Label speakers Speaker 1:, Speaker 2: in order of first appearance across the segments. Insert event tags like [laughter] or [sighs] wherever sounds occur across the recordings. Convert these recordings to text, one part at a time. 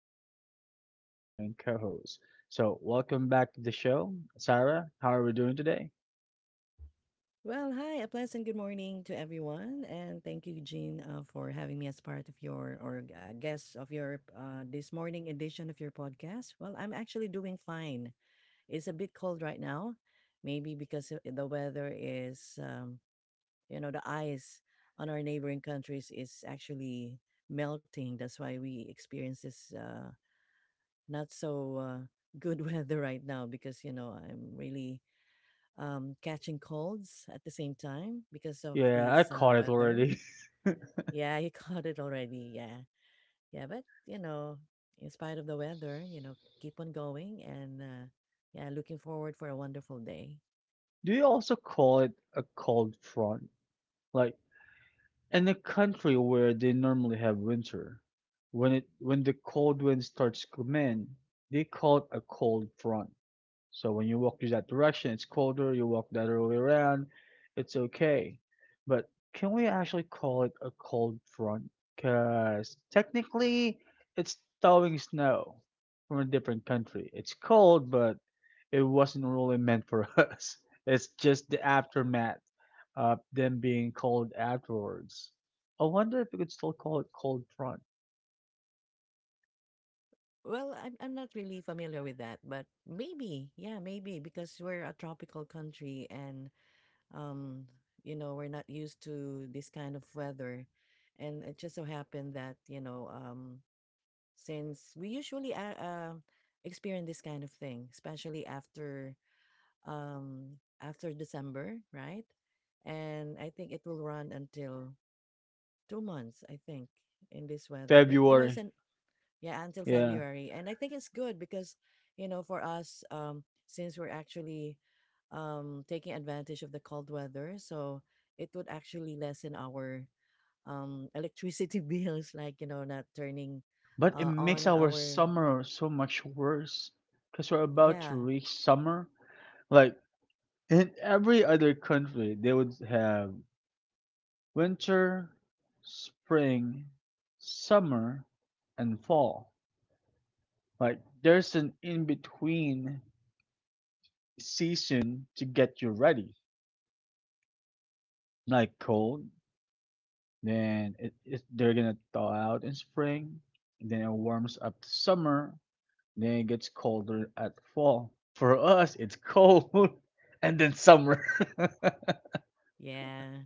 Speaker 1: and we have a returning co-host. So, welcome back to the show, Sarah. How are we doing today?
Speaker 2: Well, hi, a pleasant good morning to everyone, and thank you, Jean, for having me as part of your or a guest of your this morning edition of your podcast. Well, I'm actually doing fine. It's a bit cold right now, maybe the weather is, you know, the ice on our neighboring countries is actually melting. That's why we experience this not so good [laughs] weather right now because you know I'm really catching colds at the same time because of
Speaker 1: Yeah, I
Speaker 2: this
Speaker 1: caught it
Speaker 2: weather.
Speaker 1: already.
Speaker 2: Yeah, he [laughs] caught it already. Yeah. Yeah. But, you know, in spite of the weather, you know, keep on going and, yeah, looking forward for a wonderful day.
Speaker 1: [laughs] Do you also call it a cold front? Like in a country where they normally have winter, when it when the cold wind starts to come in, they call it a cold front. So when you walk in that direction, it's colder, you walk the other way around, it's okay. But can we actually call it a cold front? Because technically, it's thawing snow from a different country. It's cold, but it wasn't really meant for [laughs] us. It's just the aftermath of them being cold afterwards. I wonder if we could still call it cold front.
Speaker 2: Well, I'm not really familiar with that, but maybe, yeah, maybe because we're a tropical country and, um, you know, we're not used to this kind of weather. And it just so happened that, you know, since we usually experience this kind of thing, especially after after December, right? And I think it will run until 2 months, I think, in this weather. But you know, it's
Speaker 1: February,
Speaker 2: an yeah until
Speaker 1: yeah.
Speaker 2: February, and I think it's good because you know for us, since we're actually taking advantage of the cold weather, so it would actually lessen our electricity [laughs] bills, like you know, not turning
Speaker 1: But it makes
Speaker 2: on
Speaker 1: our
Speaker 2: our.
Speaker 1: summer so much worse because we're about to
Speaker 2: Yeah,
Speaker 1: reach summer. Like in every other country, they would have winter, spring, summer, and fall. Like there's an in between season to get you ready. Like cold, then they're gonna thaw out in spring, and then it warms up to summer. Then it gets colder at fall. For us, it's cold [laughs] and then summer.
Speaker 2: yeah.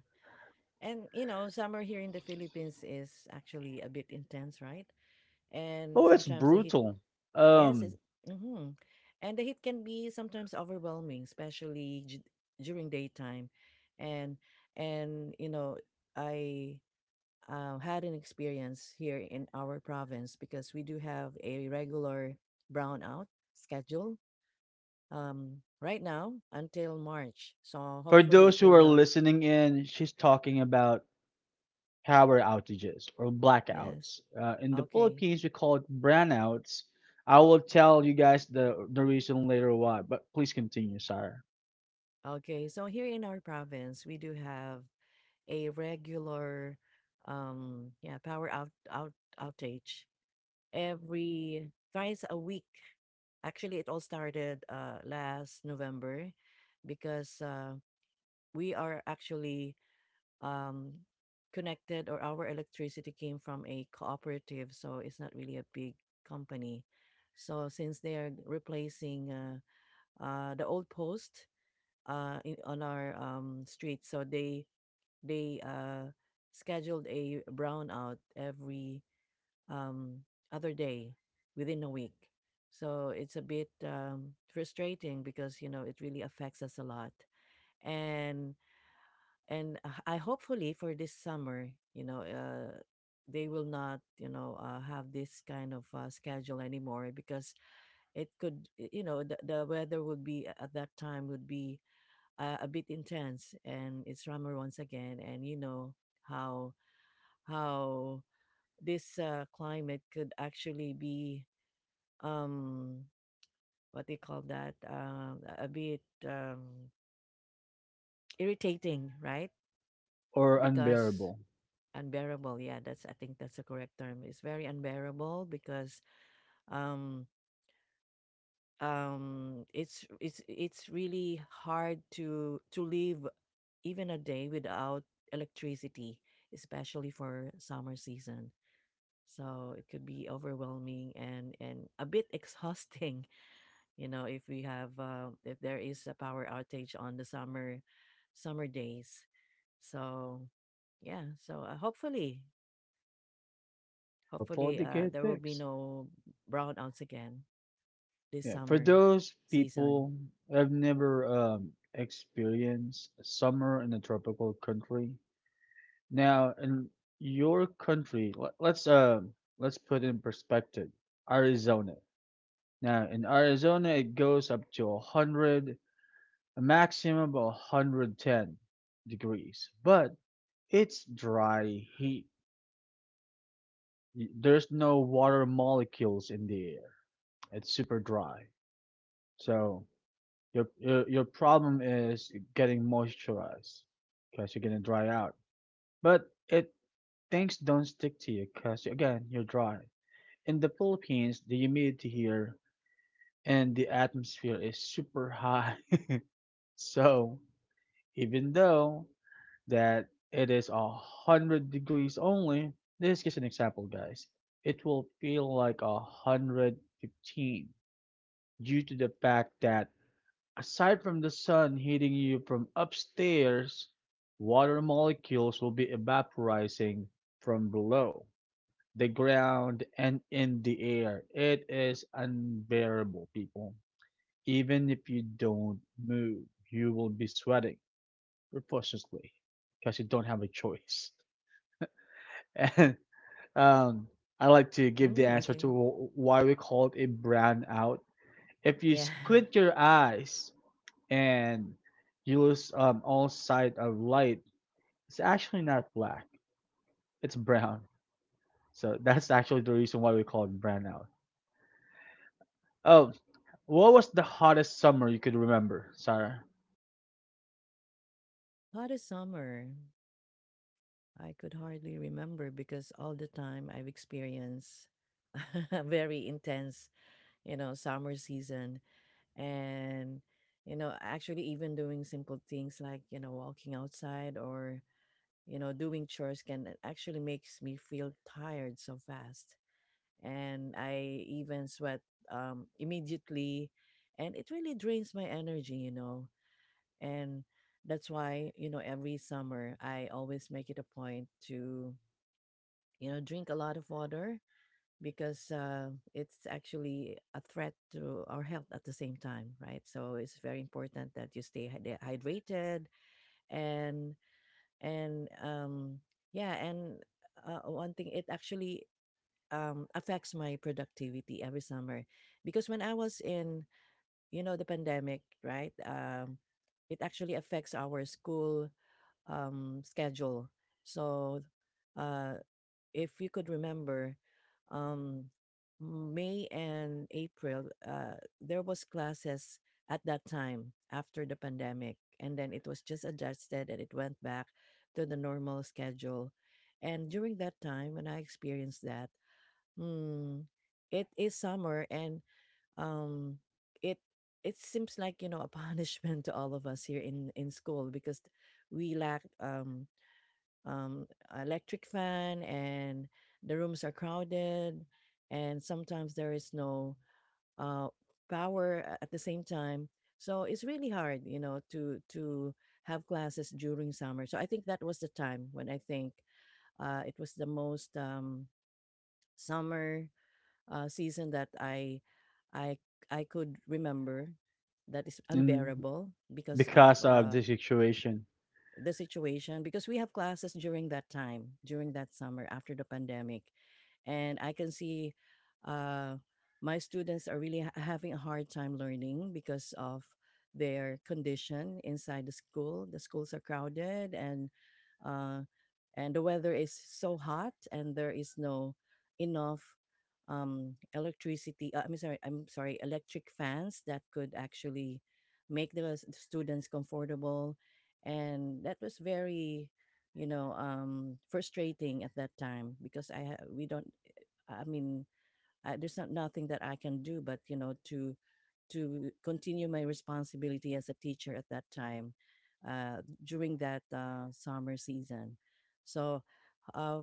Speaker 2: And you know, summer here in the Philippines is actually a bit intense, right?
Speaker 1: [laughs]
Speaker 2: And
Speaker 1: oh, it's
Speaker 2: sometimes the heat,
Speaker 1: brutal.
Speaker 2: yes, it's
Speaker 1: Um,
Speaker 2: mm-hmm. And the heat can be sometimes overwhelming, especially during daytime. And and you know, I had an experience here in our province because we do have a regular brownout schedule right now until March. So
Speaker 1: for
Speaker 2: hopefully it
Speaker 1: those who
Speaker 2: will
Speaker 1: are
Speaker 2: not.
Speaker 1: listening in, she's talking about power outages or
Speaker 2: Yes.
Speaker 1: blackouts. In the
Speaker 2: Okay.
Speaker 1: Philippines, we call it brownouts. I will tell you guys the reason later why, but please continue, sir.
Speaker 2: Okay, so here in our province, we do have a regular, yeah, power outage every twice a week. Actually, it all started last November, because we are actually um connected, or our electricity came from a cooperative, so it's not really a big company. So since they are replacing the old post in, on our street so they they scheduled a brownout every um other day within a week, so it's a bit frustrating because you know it really affects us a lot, and and I hopefully for this summer you know they will not you know have this kind of schedule anymore because it could you know the weather would be at that time would be a bit intense and it's summer once again, and you know how how this climate could actually be um what they call that a bit irritating, right?
Speaker 1: Or
Speaker 2: Because
Speaker 1: unbearable.
Speaker 2: unbearable, yeah, that's I think that's the correct term. It's very unbearable because um it's really hard to live even a day without electricity, especially for summer season. So it could be overwhelming and a bit exhausting, [laughs] you know, if we have if there is a power outage on the summer days. So yeah, so hopefully
Speaker 1: Hopefully
Speaker 2: hopefully
Speaker 1: they
Speaker 2: uh,
Speaker 1: get
Speaker 2: there will be
Speaker 1: fixed.
Speaker 2: no brownouts again this
Speaker 1: Yeah, for
Speaker 2: summer
Speaker 1: those
Speaker 2: season.
Speaker 1: people, I've never experienced a summer in a tropical country. Now, in your country, let's put in perspective. Arizona. Now, in Arizona, it goes up to a hundred, a maximum of 110 degrees, but it's dry heat. There's no water molecules in the air. It's super dry. So your, your problem is getting moisturized because you're gonna dry out. But it things don't stick to you because, again, you're dry. In the Philippines, the humidity here and the atmosphere is super high. [laughs] So even though that it is a hundred degrees only, this is an example, guys. It will feel like a hundred 15 due to the fact that, aside from the sun hitting you from upstairs, water molecules will be evaporizing from below, the ground, and in the air. It is unbearable, people. Even if you don't move, you will be sweating profusely because you don't have a choice. [laughs] And um, I like to give the
Speaker 2: Mm,
Speaker 1: answer
Speaker 2: okay.
Speaker 1: to why we call it a brown. If you
Speaker 2: Yeah. [laughs]
Speaker 1: squint your eyes, and you lose all sight of light, it's actually not black. It's brown. So that's actually the reason why we call it brownout. Oh, what was the hottest summer you could remember, Sarah?
Speaker 2: [sighs] Hottest summer. I could hardly remember because all the time I've experienced [laughs] a very intense, you know, summer season. And, you know, actually, even doing simple things like, you know, walking outside or, you know, doing chores can actually makes me feel tired so fast. And I even sweat immediately. And it really drains my energy, you know. And that's why, you know, every summer I always make it a point to you know drink a lot of water because it's actually a threat to our health at the same time, right? So it's very important that you stay hydrated. And and um yeah and uh, one thing it actually affects my productivity every summer because when I was in you know the pandemic, right? It actually affects our school schedule. So, uh, if you could remember, um, May and April, there was classes at that time after the pandemic, and then it was just adjusted and it went back to the normal schedule. And during that time, when I experienced that, hmm, it is summer, and um, it it seems like you know a [laughs] punishment to all of us here in school because we lack um, electric fan and the rooms are crowded, and sometimes there is no uh, power at the same time, so it's really hard you know to have classes during summer. So I think that was the time when I think it was the most summer season that i i could remember that is
Speaker 1: Mm,
Speaker 2: unbearable because of
Speaker 1: because of this situation.
Speaker 2: the situation, because we have classes during that time, during that summer after the pandemic. And I can see uh, my students are really having a hard time learning because of their condition inside the school. The schools are crowded, and uh, and the weather is so hot and there is no enough electricity. I'm sorry. I'm sorry. Electric fans that could actually make the students comfortable, and that was very you know frustrating at that time because we don't I mean I, there's not nothing that I can do but you know to continue my responsibility as a teacher at that time during that summer season. So, uh,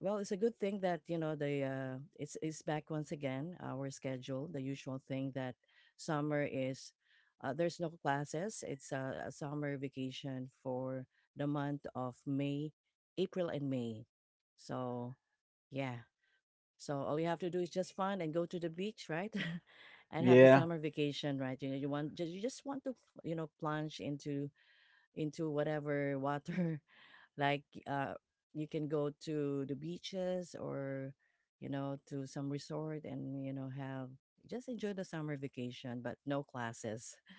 Speaker 2: well, it's a good thing that you know the it's back once again our schedule, the usual thing that summer is. There's no classes. It's a summer vacation for the month of May, April, and May. So yeah, so all you have to do is just fun and go to the beach, right? [laughs] And have the
Speaker 1: Yeah.
Speaker 2: summer vacation, right? You know, you want you just want to, you know, plunge into whatever water. [laughs] Like you can go to the beaches or, you know, to some resort, and you know have just enjoy the summer vacation, but no classes. [laughs]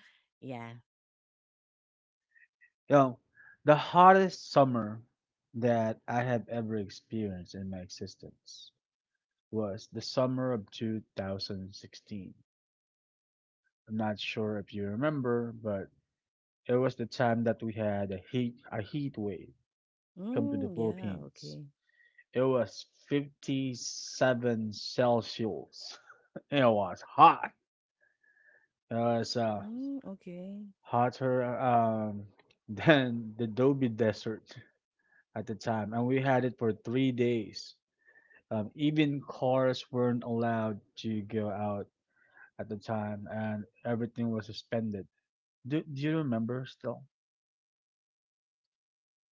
Speaker 2: Yeah.
Speaker 1: No, the hottest summer that I have ever experienced in my existence was the summer of 2016. I'm not sure if you remember, but it was the time that we had a heat wave come to the
Speaker 2: Mm, yeah.
Speaker 1: Philippines.
Speaker 2: Okay.
Speaker 1: It was 57 Celsius. [laughs] It was hot. It was
Speaker 2: Mm, okay.
Speaker 1: hotter [laughs] than the Gobi Desert at the time, and we had it for 3 days. Even cars weren't allowed to go out at the time, and everything was suspended. Do you remember still?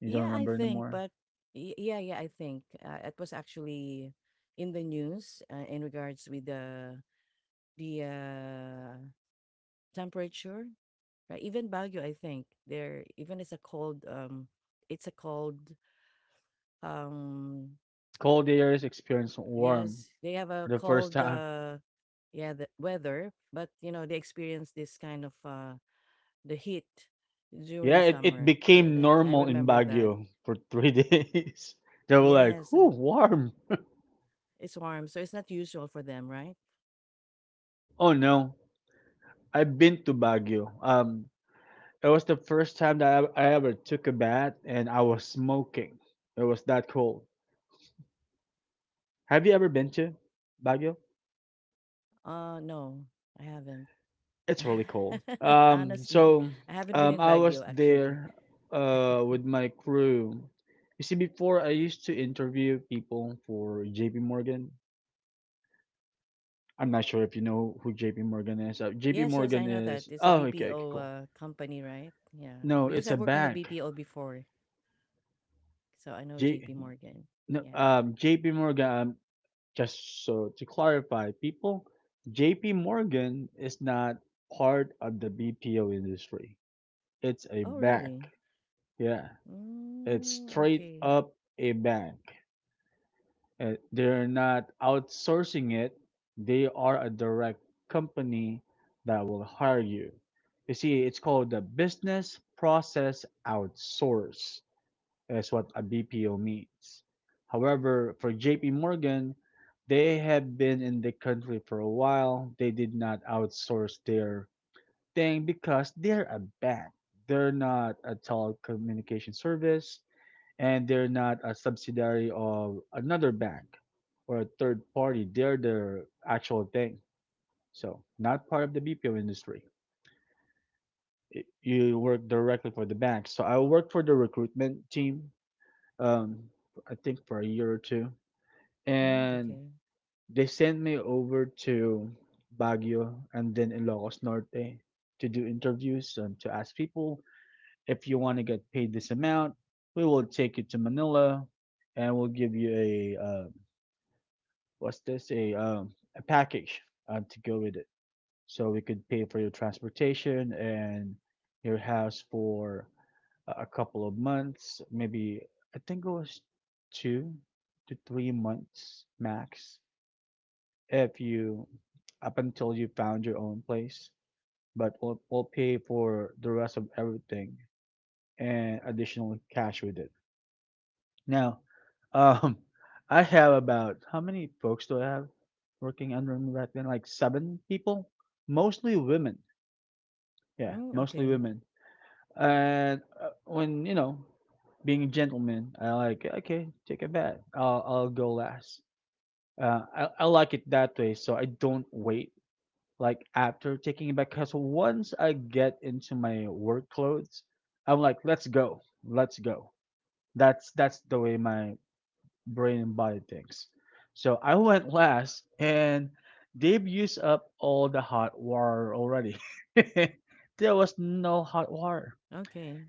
Speaker 1: You don't
Speaker 2: Yeah, I
Speaker 1: remember
Speaker 2: think,
Speaker 1: anymore?
Speaker 2: but yeah, I think it was actually in the news in regards with the the uh, temperature, right? Even Baguio, I think there even it's a cold. It's a cold. Um,
Speaker 1: Cold areas experienced warm
Speaker 2: yes, they have
Speaker 1: for
Speaker 2: a
Speaker 1: the first
Speaker 2: cold.
Speaker 1: time.
Speaker 2: Yeah, the weather, but you know they experience this kind of the heat
Speaker 1: Yeah,
Speaker 2: during
Speaker 1: it
Speaker 2: summer. Yeah,
Speaker 1: became
Speaker 2: that, I
Speaker 1: normal in
Speaker 2: remember that.
Speaker 1: Baguio for three [laughs] days. They were like,
Speaker 2: Yes,
Speaker 1: "Ooh, warm."
Speaker 2: it's warm, so it's not usual for them, right?
Speaker 1: Oh no, I've been to Baguio. It was the first time that I ever took a bath, and I was smoking. It was that cold. Have you ever been to Baguio?
Speaker 2: No, I haven't.
Speaker 1: It's really cold.
Speaker 2: [laughs] Honestly, I haven't been in
Speaker 1: I was
Speaker 2: Baguio actually.
Speaker 1: there with my crew. You see, before I used to interview people for JP Morgan. I'm not sure if you know who JP Morgan is. JP
Speaker 2: Yes, yes, I
Speaker 1: Morgan
Speaker 2: know that.
Speaker 1: is,
Speaker 2: It's a
Speaker 1: oh, okay, okay,
Speaker 2: BPO
Speaker 1: cool.
Speaker 2: company, right? Yeah.
Speaker 1: No,
Speaker 2: Because
Speaker 1: it's
Speaker 2: I've
Speaker 1: a
Speaker 2: worked in the
Speaker 1: bank.
Speaker 2: BPO before, so I know JP
Speaker 1: J
Speaker 2: Morgan.
Speaker 1: no,
Speaker 2: Yeah.
Speaker 1: JP Morgan, just so to clarify, people, JP Morgan is not part of the BPO industry. It's a
Speaker 2: Oh,
Speaker 1: bank.
Speaker 2: really?
Speaker 1: Yeah. It's
Speaker 2: Mm,
Speaker 1: straight
Speaker 2: okay.
Speaker 1: up a bank. They're not outsourcing it. They are a direct company that will hire you. You see, it's called the business process outsource. That's what a BPO means. However, for JP Morgan, they have been in the country for a while. They did not outsource their thing because they're a bank. They're not a telecommunication service and they're not a subsidiary of another bank or a third party. They're the actual thing. So not part of the BPO industry. You work directly for the bank. So I worked for the recruitment team. Um, I think for a year or two,
Speaker 2: Mm,
Speaker 1: and
Speaker 2: okay.
Speaker 1: they sent me over to Baguio and then Ilocos Norte to do interviews and to ask people, if you want to get paid this amount, we will take you to Manila and we'll give you a what's this a package to go with it, so we could pay for your transportation and your house for a couple of months. Maybe I think it was 2 to 3 months max, if you, up until you found your own place, but we'll pay for the rest of everything and additional cash with it. Now, [laughs] um, I have, about how many folks do I have working under me right then? Like seven people, mostly women. Yeah,
Speaker 2: Mm,
Speaker 1: mostly
Speaker 2: okay.
Speaker 1: women. And when, you know, being a gentleman, I like, okay, take a bet. I'll go last. I like it that way, so I don't wait like after taking it back. Cause once I get into my work clothes, I'm like, let's go, let's go. That's the way my brain and body things. So I went last, and they've used up all the hot water already. [laughs] there was no hot water,
Speaker 2: Okay.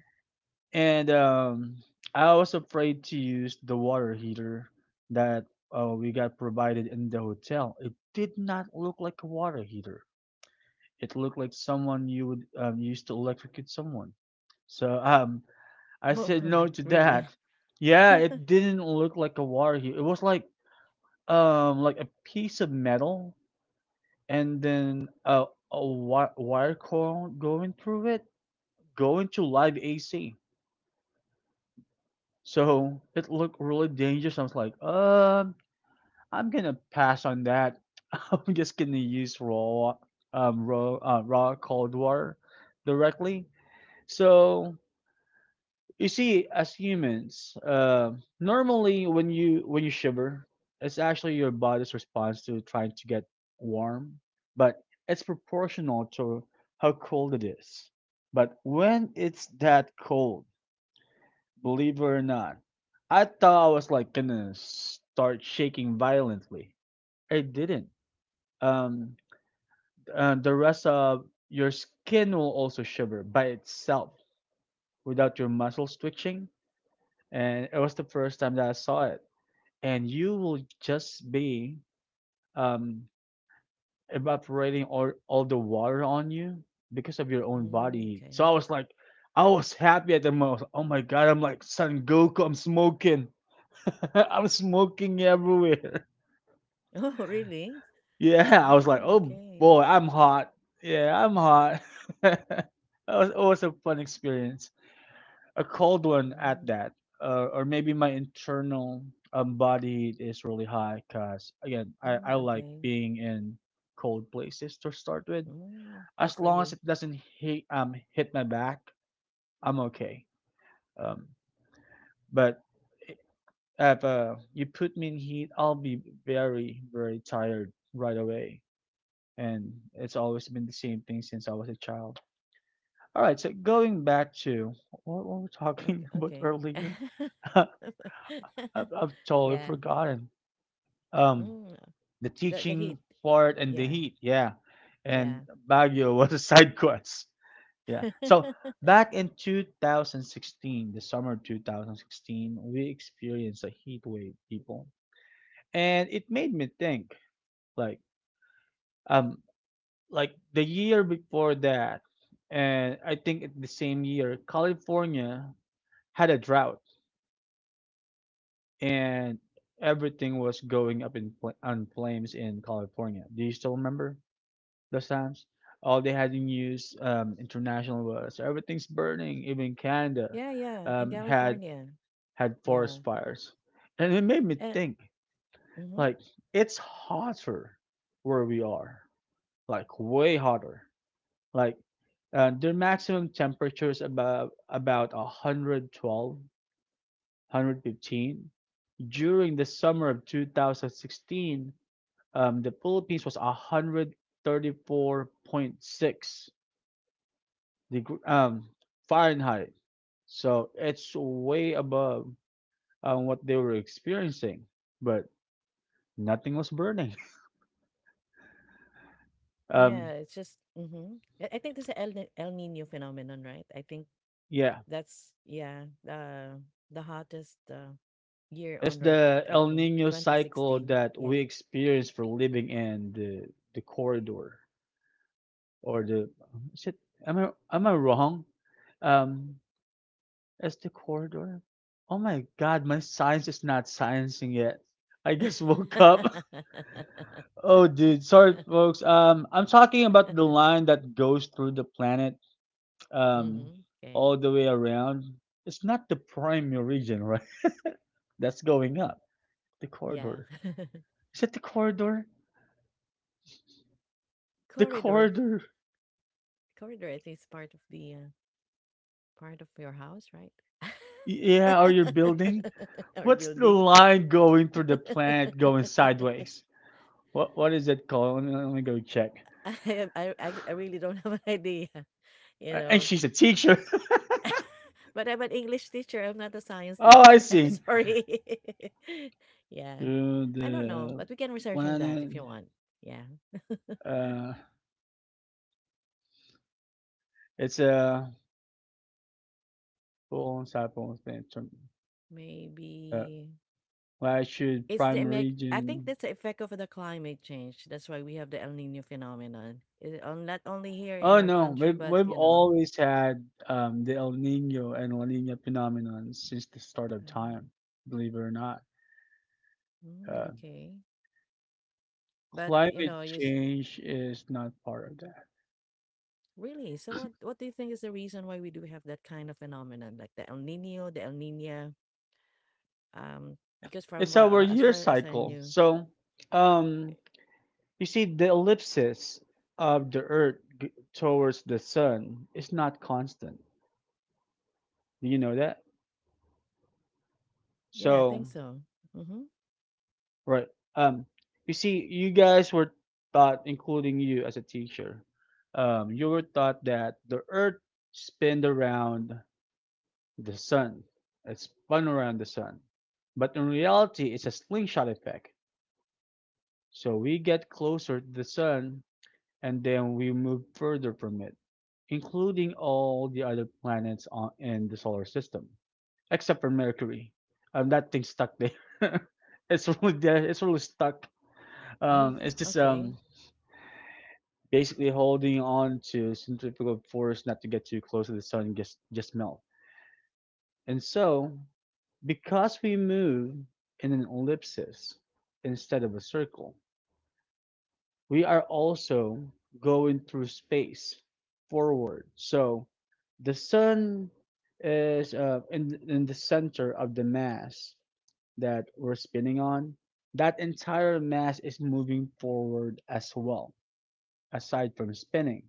Speaker 1: and I was afraid to use the water heater that we got provided in the hotel. It did not look like a water heater. It looked like someone you would use to electrocute someone. So I
Speaker 2: Oh,
Speaker 1: said no to
Speaker 2: [laughs]
Speaker 1: that.
Speaker 2: really?
Speaker 1: Yeah,
Speaker 2: [laughs]
Speaker 1: it didn't look like a water heater. It was like a piece of metal and then a wire coil going through it, going to live AC. So it looked really dangerous. I was like, I'm gonna pass on that. [laughs] I'm just gonna use raw, raw cold water directly. So you see, as humans, normally when you shiver, it's actually your body's response to trying to get warm, but it's proportional to how cold it is. But when it's that cold, believe it or not, I thought I was like gonna start shaking violently. It didn't. Um, the rest of your skin will also shiver by itself without your muscles twitching, and it was the first time that I saw it. And you will just be um, evaporating all the water on you because of your own body
Speaker 2: Mm,
Speaker 1: heat. So
Speaker 2: okay.
Speaker 1: I was like, I was happy at the moment. I was like, oh my god, I'm like Son Goku, I'm smoking. [laughs] I'm smoking everywhere. [laughs]
Speaker 2: Oh, really?
Speaker 1: Yeah, I was like,
Speaker 2: Mm,
Speaker 1: oh
Speaker 2: okay.
Speaker 1: boy, I'm hot. Yeah, I'm hot. [laughs] that was, it was a fun experience. A cold one at
Speaker 2: Mm,
Speaker 1: that, or maybe my internal body heat is really high. Cause again, I
Speaker 2: mm,
Speaker 1: like
Speaker 2: okay.
Speaker 1: being in cold places to start with.
Speaker 2: Mm, good
Speaker 1: As
Speaker 2: for
Speaker 1: long as
Speaker 2: you.
Speaker 1: it doesn't hit my back, I'm okay. Um, but if you put me in heat, I'll be very very tired right away. And it's always been the same thing since I was a child. All right, so going back to what were we talking [laughs] about
Speaker 2: Okay,
Speaker 1: earlier?
Speaker 2: okay.
Speaker 1: [laughs]
Speaker 2: [laughs]
Speaker 1: I've totally
Speaker 2: Yeah.
Speaker 1: forgotten. Um,
Speaker 2: Mm,
Speaker 1: the
Speaker 2: the
Speaker 1: teaching
Speaker 2: heat.
Speaker 1: part and the
Speaker 2: Yeah,
Speaker 1: heat, yeah, and
Speaker 2: yeah.
Speaker 1: Baguio [laughs] was a side quest, yeah. So
Speaker 2: [laughs]
Speaker 1: back in 2016, the summer 2016, we experienced a heat wave, people, and it made me think, like, um, like the year before that, and I think it's the same year, California had a drought and everything was going up in on flames in California. Do you still remember those times? All they had in news international was, "So everything's burning. Even Canada
Speaker 2: Yeah, yeah, in
Speaker 1: um, had
Speaker 2: California.
Speaker 1: had
Speaker 2: Yeah.
Speaker 1: forest fires, and it made me
Speaker 2: And
Speaker 1: think
Speaker 2: mhm.
Speaker 1: like it's hotter where we are, like way hotter. Like their maximum temperature is about 112, during the summer of 2016, the Philippines was 134.6 degree, Fahrenheit. So it's way above what they were experiencing, but nothing was burning. [laughs] Um,
Speaker 2: Yeah, it's just mhm. I think this is El Nino phenomenon, right? I think
Speaker 1: yeah,
Speaker 2: that's yeah, the hottest year
Speaker 1: it's
Speaker 2: on
Speaker 1: the
Speaker 2: record, I
Speaker 1: El
Speaker 2: think.
Speaker 1: Nino cycle
Speaker 2: 2016.
Speaker 1: that we
Speaker 2: Yeah.
Speaker 1: experience for living in the corridor or the, is it, am I wrong? Um, As the corridor? Oh my god, my science is not sciencing yet. I just woke up. [laughs]
Speaker 2: [laughs]
Speaker 1: Oh dude, sorry folks. I'm talking about the line that goes through the planet um
Speaker 2: Mhm.
Speaker 1: all
Speaker 2: Okay.
Speaker 1: the way around. It's not the prime meridian, right? [laughs] That's going up. The
Speaker 2: Yeah.
Speaker 1: corridor.
Speaker 2: [laughs]
Speaker 1: Is it the corridor? The
Speaker 2: Corridor.
Speaker 1: corridor.
Speaker 2: Corridor, I think it's part of the part of your house, right?
Speaker 1: Yeah, or your building?
Speaker 2: [laughs] Or
Speaker 1: What's the
Speaker 2: building.
Speaker 1: line going through the planet going
Speaker 2: [laughs]
Speaker 1: sideways? What is it called? Let me go check.
Speaker 2: I, I really don't [laughs] have an idea, you
Speaker 1: And
Speaker 2: know.
Speaker 1: she's a teacher.
Speaker 2: But I'm an English teacher. I'm not a science
Speaker 1: Oh, I
Speaker 2: teacher. [laughs] I'm
Speaker 1: see.
Speaker 2: sorry. [laughs] Yeah,
Speaker 1: To
Speaker 2: I don't know,
Speaker 1: the
Speaker 2: but we can research on that
Speaker 1: planet,
Speaker 2: if you want. Yeah,
Speaker 1: uh, it's a full cycle expansion. Uh,
Speaker 2: maybe
Speaker 1: why should
Speaker 2: it's the
Speaker 1: prime
Speaker 2: effect. I think
Speaker 1: region?
Speaker 2: that's the effect of the climate change. That's why we have the El Niño phenomenon. It, on not only here
Speaker 1: Oh
Speaker 2: in our
Speaker 1: no,
Speaker 2: country,
Speaker 1: we've
Speaker 2: but
Speaker 1: we've
Speaker 2: you know,
Speaker 1: always had the El Nino and La Nina phenomenon since the start
Speaker 2: uh,
Speaker 1: of time. Believe it or not,
Speaker 2: mm,
Speaker 1: uh,
Speaker 2: okay. But you
Speaker 1: climate
Speaker 2: know, is
Speaker 1: change is not part of that.
Speaker 2: really. So what? What do you think is the reason why we do have that kind of phenomenon, like the El Nino, the El Nina? Because from
Speaker 1: It's
Speaker 2: what,
Speaker 1: our
Speaker 2: as
Speaker 1: year
Speaker 2: far as I
Speaker 1: cycle.
Speaker 2: knew,
Speaker 1: So, um, you see, the ellipsis of the Earth towards the Sun is not constant. Do you know that?
Speaker 2: yeah, I think
Speaker 1: So,
Speaker 2: so. Mm-hmm.
Speaker 1: right. Um, you see, you guys were taught, including you as a teacher, you were taught that the Earth spun around the Sun. It spun around the Sun, but in reality, it's a slingshot effect. So we get closer to the Sun, and then we move further from it, including all the other planets on, in the solar system, except for Mercury. That thing's stuck there. [laughs] It's really there. It's really stuck.
Speaker 2: Mm.
Speaker 1: It's just
Speaker 2: Okay.
Speaker 1: basically holding on to centrifugal force not to get too close to the sun and just melt. And so, because we move in an ellipsis instead of a circle, we are also going through space forward. So the sun is in the center of the mass that we're spinning on. That entire mass is moving forward as well, aside from spinning.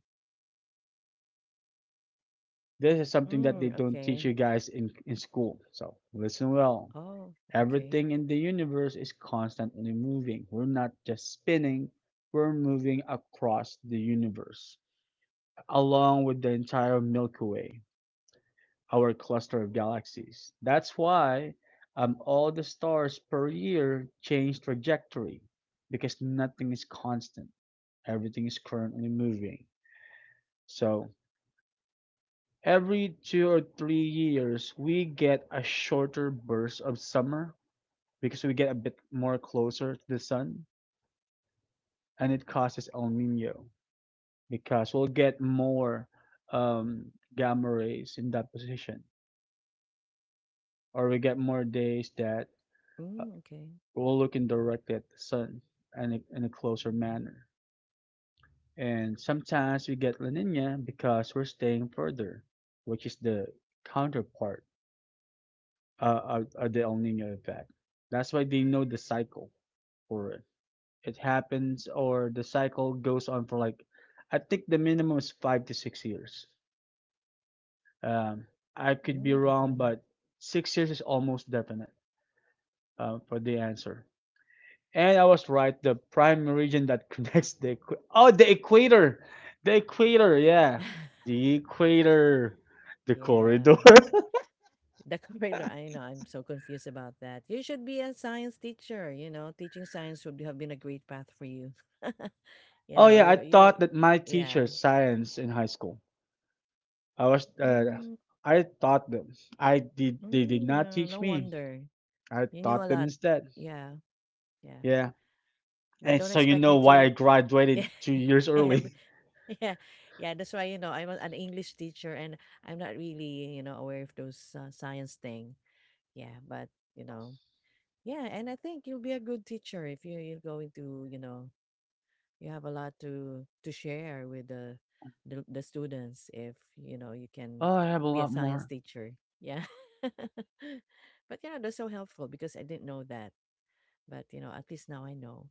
Speaker 1: This is something that they
Speaker 2: Mm,
Speaker 1: don't teach
Speaker 2: okay.
Speaker 1: you guys in school. So listen well.
Speaker 2: Oh, okay.
Speaker 1: Everything in the universe is constantly moving. We're not just spinning, we're moving across the universe, along with the entire Milky Way, our cluster of galaxies. That's why all the stars per year change trajectory because nothing is constant. Everything is currently moving. So every two or three years, we get a shorter burst of summer because we get a bit more closer to the sun, and it causes El Nino because we'll get more um, gamma rays in that position or we get more days that uh,
Speaker 2: Mm, okay.
Speaker 1: we will look directly at the sun and in a closer manner. And sometimes we get La Nina because we're staying further, which is the counterpart of the El Nino effect. That's why they know the cycle for it. It happens, or the cycle goes on for like, I think the minimum is five to six years. Um, I could be
Speaker 2: Mm,
Speaker 1: wrong,
Speaker 2: okay.
Speaker 1: but six years is almost definite for the answer. And I was right, the prime meridian that [laughs] connects the the equator, yeah,
Speaker 2: [laughs]
Speaker 1: the equator, the corridor.
Speaker 2: Yeah, the corridor. I know. I'm so confused about that. You should be a science teacher. You know, teaching science would have been a great path for you. [laughs]
Speaker 1: [laughs]
Speaker 2: You
Speaker 1: Oh
Speaker 2: know,
Speaker 1: yeah, I
Speaker 2: you
Speaker 1: thought that my
Speaker 2: yeah.
Speaker 1: teacher science in high school. I was
Speaker 2: Mm,
Speaker 1: I thought them. I did they did
Speaker 2: mm,
Speaker 1: not
Speaker 2: no,
Speaker 1: teach
Speaker 2: no
Speaker 1: me.
Speaker 2: wonder.
Speaker 1: I
Speaker 2: You knew a
Speaker 1: taught them
Speaker 2: lot.
Speaker 1: instead.
Speaker 2: Yeah, yeah.
Speaker 1: Yeah,
Speaker 2: But
Speaker 1: and
Speaker 2: don't
Speaker 1: so you
Speaker 2: expect
Speaker 1: know
Speaker 2: me
Speaker 1: why I
Speaker 2: to
Speaker 1: graduated two years
Speaker 2: [laughs] yeah.
Speaker 1: early.
Speaker 2: Yeah, yeah, that's why, you know, I'm an English teacher and I'm not really, you know, aware of those science thing. Yeah, but, you know, yeah, and I think you'll be a good teacher if you go into, you have a lot to share with the students if you know you
Speaker 1: [laughs]
Speaker 2: can
Speaker 1: Oh, I have a
Speaker 2: be a
Speaker 1: lot
Speaker 2: science
Speaker 1: more.
Speaker 2: teacher, yeah. [laughs] But you know that's so helpful because I didn't know that, but you know at least now I know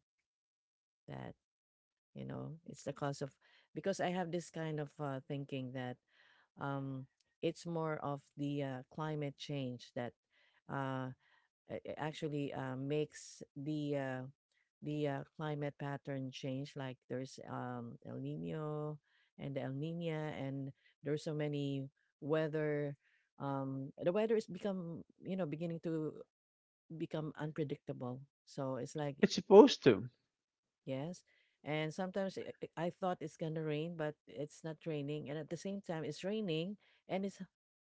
Speaker 2: that, you know, it's the cause of, because I have this kind of thinking that um it's more of the climate change that uh it actually makes the climate pattern change. Like there's El Nino and El Nina, and there's so many weather. The weather is become you know beginning to become unpredictable. So it's like
Speaker 1: It's supposed
Speaker 2: k-
Speaker 1: to.
Speaker 2: yes, and sometimes I thought it's gonna rain, but it's not raining, and at the same time it's raining, and it's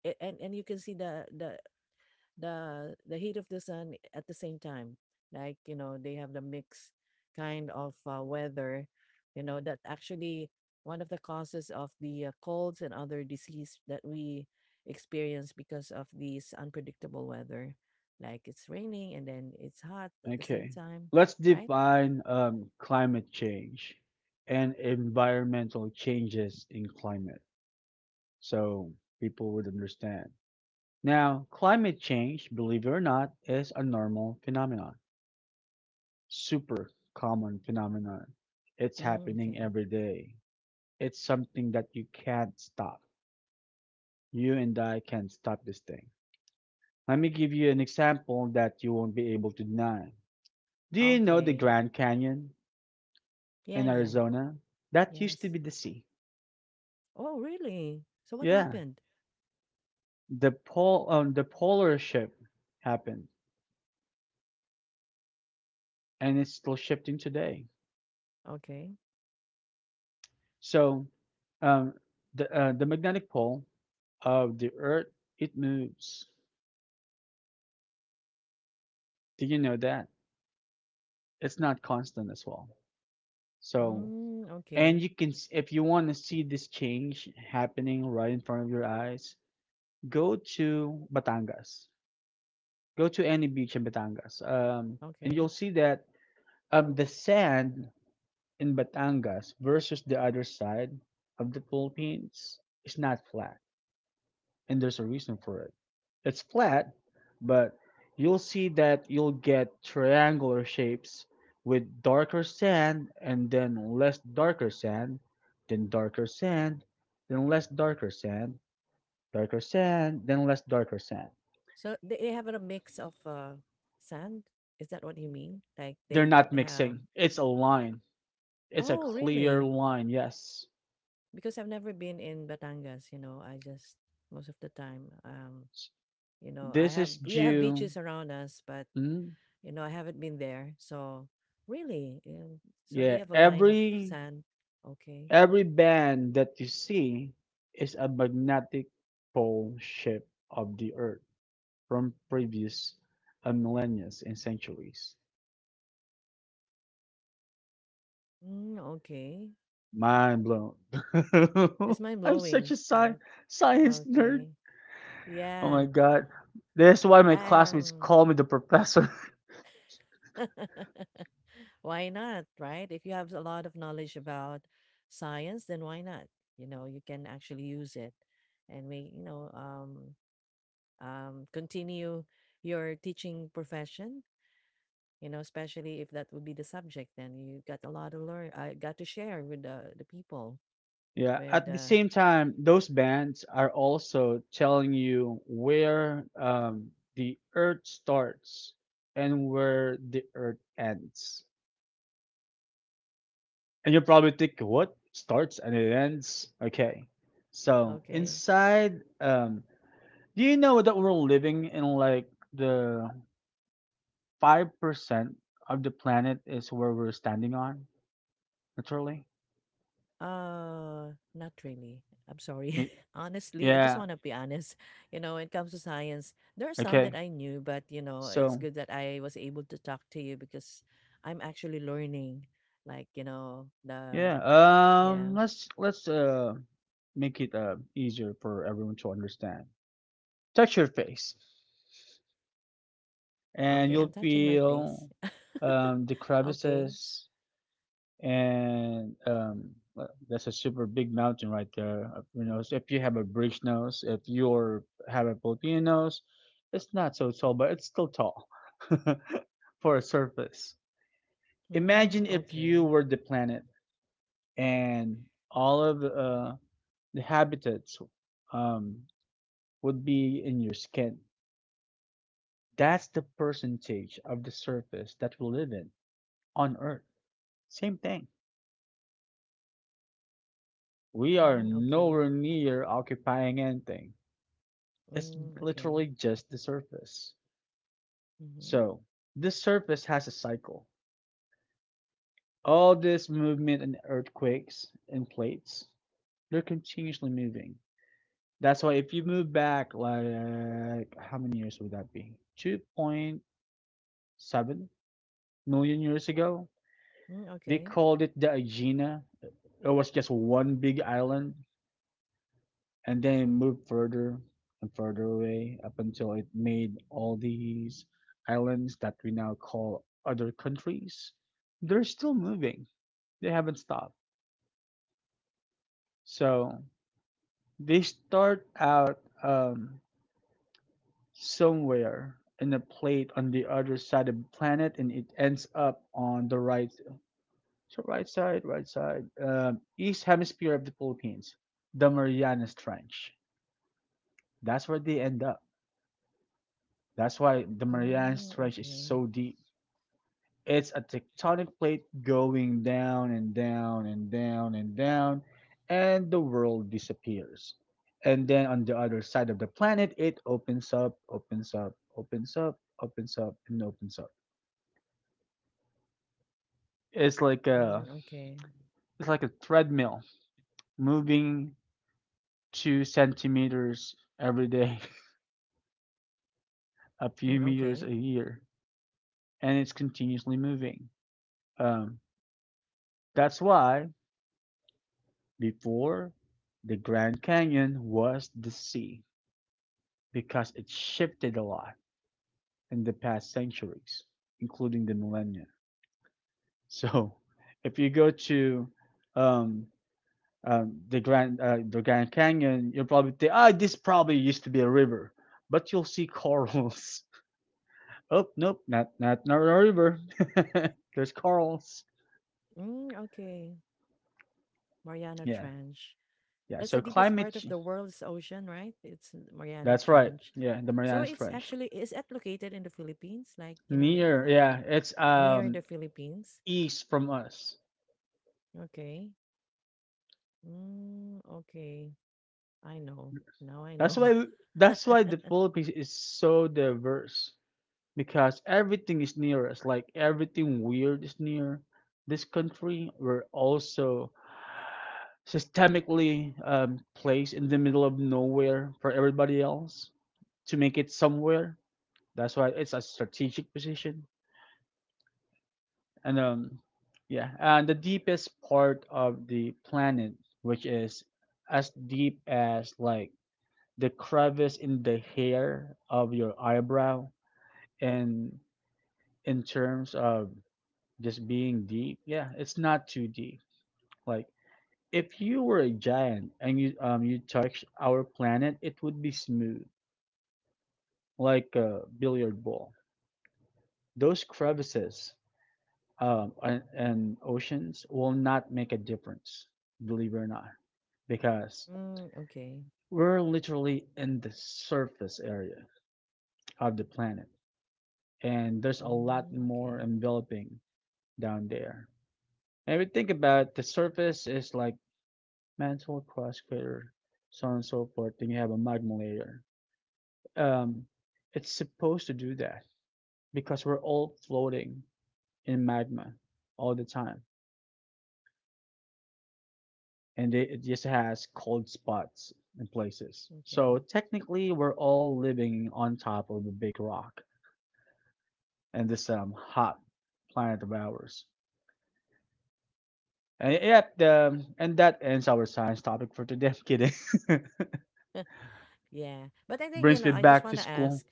Speaker 2: a- and you can see the heat of the sun at the same time, like you know they have the mix kind of weather, you know, that actually one of the causes of the colds and other disease that we experience because of these unpredictable weather, like it's raining and then it's hot at the same
Speaker 1: Okay.
Speaker 2: time.
Speaker 1: Let's
Speaker 2: Right.
Speaker 1: define climate change and environmental changes in climate so people would understand. Now, climate change, believe it or not, is a normal phenomenon, super common phenomenon. It's
Speaker 2: Mm,
Speaker 1: happening
Speaker 2: okay.
Speaker 1: every day. It's something that you can't stop. You and I can't stop this thing. Let me give you an example that you won't be able to deny. Do you know the
Speaker 2: Okay.
Speaker 1: Grand Canyon
Speaker 2: Yeah,
Speaker 1: in
Speaker 2: yeah.
Speaker 1: Arizona? That used to
Speaker 2: Yes.
Speaker 1: be the sea.
Speaker 2: Oh really, so what
Speaker 1: Yeah,
Speaker 2: happened?
Speaker 1: the pol the polar shift happened, and it's still shifting today.
Speaker 2: Okay.
Speaker 1: So, um, the magnetic pole of the Earth, it moves. Do you know that? It's not constant as well. So,
Speaker 2: Mm, okay.
Speaker 1: and you can if you want to see this change happening right in front of your eyes, go to Batangas. Go to any beach in Batangas, and
Speaker 2: Okay.
Speaker 1: you'll see that the sand in Batangas versus the other side of the Philippines is not flat, and there's a reason for it. It's flat, but you'll see that you'll get triangular shapes with darker sand and then less darker sand, then less darker sand, then less darker sand.
Speaker 2: So they have a mix of sand. Is that what you mean? Like they
Speaker 1: They're
Speaker 2: don't
Speaker 1: not
Speaker 2: have.
Speaker 1: mixing. It's a line. It's a
Speaker 2: Oh,
Speaker 1: clear
Speaker 2: really?
Speaker 1: line, yes.
Speaker 2: Because I've never been in Batangas. You know, I just most of the time, you know, I
Speaker 1: This
Speaker 2: have
Speaker 1: is
Speaker 2: we have
Speaker 1: due.
Speaker 2: beaches around us, but
Speaker 1: Mm,
Speaker 2: you know, I haven't been there. So really, so they
Speaker 1: yeah,
Speaker 2: have a line of sand. Okay.
Speaker 1: every band that you see is a magnetic pole shape of the earth from previous millennia and centuries.
Speaker 2: Mm, okay.
Speaker 1: Mind blown.
Speaker 2: It's
Speaker 1: [laughs]
Speaker 2: mind
Speaker 1: I'm such
Speaker 2: blowing,
Speaker 1: a
Speaker 2: right?
Speaker 1: science nerd.
Speaker 2: Okay.
Speaker 1: Oh
Speaker 2: Yeah.
Speaker 1: my god. That's why my classmates
Speaker 2: Um.
Speaker 1: call me the professor. [laughs]
Speaker 2: [laughs] Why not, right? If you have a lot of knowledge about science, then why not? You know, you can actually use it. And we, continue your teaching profession, you know, especially if that would be the subject, then you got a lot of learn, I got to share with the people,
Speaker 1: Yeah,
Speaker 2: with,
Speaker 1: at the same time, those bands are also telling you where the earth starts and where the earth ends. And you probably think, what starts and it ends? Okay. So
Speaker 2: okay.
Speaker 1: inside, do you know that we're living in like the 5% of the planet is where we're standing on, literally?
Speaker 2: Not really. I'm sorry.
Speaker 1: Y-
Speaker 2: [laughs] Honestly, I just
Speaker 1: Yeah.
Speaker 2: want to be honest. [laughs] You know, when it comes to science, there are some
Speaker 1: Okay.
Speaker 2: that I knew, but you know, it's
Speaker 1: So
Speaker 2: good that I was able to talk to you because I'm actually learning. Like, you know, the
Speaker 1: yeah,
Speaker 2: yeah.
Speaker 1: let's make it easier for everyone to understand. Touch your face, and
Speaker 2: Okay, I'm
Speaker 1: you'll
Speaker 2: touching my face.
Speaker 1: feel the
Speaker 2: [laughs] Okay.
Speaker 1: crevices and that's a super big mountain right there of your nose. If you have a British nose, if you're have a Filipino nose, it's not so tall, but it's still tall [laughs] for a surface. Imagine
Speaker 2: Mm,
Speaker 1: if you
Speaker 2: okay.
Speaker 1: were the planet and all of the habitats um, would be in your skin. That's the percentage of the surface that we live in on Earth. Same thing. We are
Speaker 2: Mm, okay.
Speaker 1: nowhere near occupying anything. It's
Speaker 2: Mm, okay.
Speaker 1: literally just the surface.
Speaker 2: Mm-hmm.
Speaker 1: So, this surface has a cycle. All this movement and earthquakes and plates, they're continuously moving. That's why if you move back, like, how many years would that be? 2.7 million years ago,
Speaker 2: Mm,
Speaker 1: they
Speaker 2: okay.
Speaker 1: called it the Aegina. It was just one big island, and then it moved further and further away up until it made all these islands that we now call other countries. They're still moving. They haven't stopped. So they start out somewhere in a plate on the other side of the planet, and it ends up on the right. So right side, right side. East hemisphere of the Philippines, the Marianas Trench. That's where they end up. That's why the Marianas
Speaker 2: Mm,
Speaker 1: Trench is
Speaker 2: okay.
Speaker 1: so deep. It's a tectonic plate going down and down and down and down, and the world disappears. And then on the other side of the planet, it opens up, opens up, opens up, opens up, and opens up. It's like
Speaker 2: Mm,
Speaker 1: a
Speaker 2: okay.
Speaker 1: it's like a treadmill moving two centimeters every day, a
Speaker 2: Mm,
Speaker 1: few meters
Speaker 2: okay.
Speaker 1: a year, and it's continuously moving. Um, that's why before, the Grand Canyon was the sea because it shifted a lot in the past centuries, including the millennia. [laughs] So, if you go to um, the Grand Canyon, you'll probably think, ah, oh, this probably used to be a river, but you'll see corals. [laughs] Oh, nope, not a river. [laughs] There's corals.
Speaker 2: Mm, okay. Mariana
Speaker 1: Yeah,
Speaker 2: Trench.
Speaker 1: yeah.
Speaker 2: That's the
Speaker 1: So
Speaker 2: deepest part
Speaker 1: climate.
Speaker 2: of the world's ocean, right? It's Mariana
Speaker 1: That's right.
Speaker 2: Trench.
Speaker 1: Yeah, the
Speaker 2: So
Speaker 1: Mariana
Speaker 2: it's
Speaker 1: Trench.
Speaker 2: actually, is it located in the Philippines, like you know,
Speaker 1: Near, yeah,
Speaker 2: um,
Speaker 1: it's
Speaker 2: near the Philippines.
Speaker 1: east from us.
Speaker 2: Okay. Mm, okay. I know. Now I know. [laughs]
Speaker 1: That's why the Philippines is so diverse because everything is near us. Like everything weird is near this country. We're also systemically placed in the middle of nowhere for everybody else to make it somewhere. That's why it's a strategic position. And yeah, and the deepest part of the planet, which is as deep as like the crevice in the hair of your eyebrow, and in terms of just being deep, yeah, it's not too deep. Like if you were a giant and you you touch our planet, it would be smooth like a billiard ball. Those crevices and oceans will not make a difference, believe it or not, because
Speaker 2: Mm, okay.
Speaker 1: we're literally in the surface area of the planet and there's a lot
Speaker 2: Mm,
Speaker 1: more
Speaker 2: okay.
Speaker 1: enveloping down there. And we think about it, the surface is like mantle, crust, crater, so on and so forth. Then you have a magma layer. Um, it's supposed to do that because we're all floating in magma all the time, and it just has cold spots in places. So
Speaker 2: Okay.
Speaker 1: technically, we're all living on top of a big rock and this hot planet of ours. And yep, and that ends our science topic for today. I'm kidding. [laughs]
Speaker 2: Yeah. But I think, you
Speaker 1: Brings
Speaker 2: know,
Speaker 1: me
Speaker 2: I just
Speaker 1: back to
Speaker 2: want to
Speaker 1: school.
Speaker 2: ask,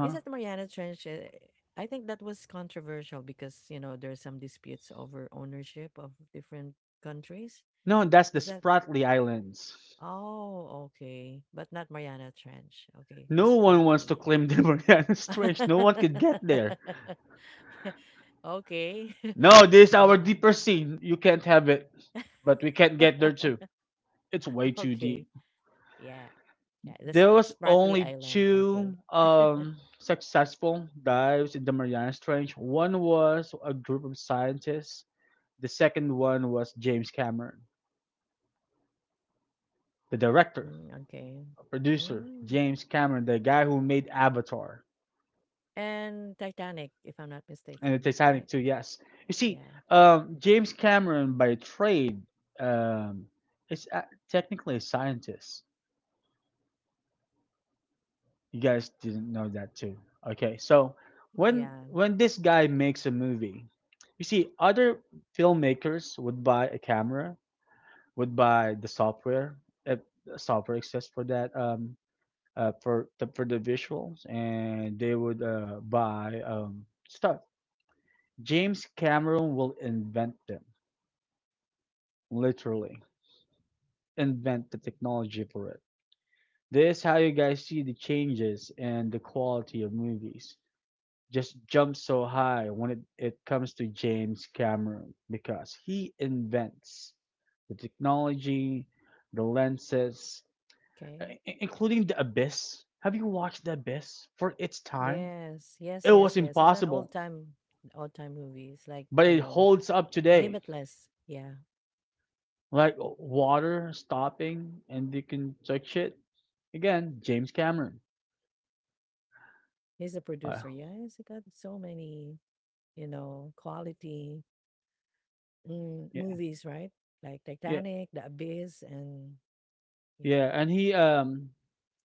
Speaker 2: is that Mariana Trench? I think that was controversial because you know there's some disputes over ownership of different countries.
Speaker 1: No, that's the
Speaker 2: Is that,
Speaker 1: Spratly Islands.
Speaker 2: oh okay, but not Mariana Trench. Okay, the
Speaker 1: No one wants to
Speaker 2: Spratly.
Speaker 1: claim [laughs] they were the strange. No one could get there.
Speaker 2: [laughs] Yeah, okay. [laughs]
Speaker 1: No, this is our
Speaker 2: Oh,
Speaker 1: deeper sea. You can't have it. But we can't get there too.
Speaker 2: [laughs]
Speaker 1: It's way too deep.
Speaker 2: okay. Yeah, yeah. The
Speaker 1: There was
Speaker 2: Spratly
Speaker 1: only
Speaker 2: Island. Okay.
Speaker 1: two
Speaker 2: [laughs]
Speaker 1: successful dives in the Mariana Trench. One was a group of scientists. The second one was James Cameron, the director,
Speaker 2: Mm, okay.
Speaker 1: producer,
Speaker 2: Mm.
Speaker 1: James Cameron, the guy who made Avatar
Speaker 2: And Titanic, if I'm not
Speaker 1: and the
Speaker 2: mistaken,
Speaker 1: Titanic
Speaker 2: right?
Speaker 1: too. Yes, you see,
Speaker 2: Yeah,
Speaker 1: James Cameron by trade um, is a- technically a scientist. You guys didn't know that too. Okay, so when
Speaker 2: yeah.
Speaker 1: when this guy makes a movie, you see, other filmmakers would buy a camera, would buy the software, if software exists for that for for the visuals, and they would buy stuff. James Cameron will invent them, literally invent the technology for it. This is how you guys see the changes and the quality of movies just jumps so high when it comes to James Cameron because he invents the technology, the lenses,
Speaker 2: Okay.
Speaker 1: including the abyss. Have you watched the abyss for its time?
Speaker 2: Yes, yes,
Speaker 1: It was
Speaker 2: yes, yes. It's an old
Speaker 1: impossible,
Speaker 2: time movie. It's like,
Speaker 1: but
Speaker 2: you
Speaker 1: it
Speaker 2: know,
Speaker 1: holds up today.
Speaker 2: Limitless. Yeah.
Speaker 1: Like water stopping and you can touch it. Again, James Cameron.
Speaker 2: He's a
Speaker 1: Uh,
Speaker 2: producer. Yeah, he's got so many, you know, quality, mm,
Speaker 1: yeah,
Speaker 2: movies, right? Like
Speaker 1: yeah,
Speaker 2: Titanic, The Abyss, and
Speaker 1: yeah.
Speaker 2: yeah.
Speaker 1: And he um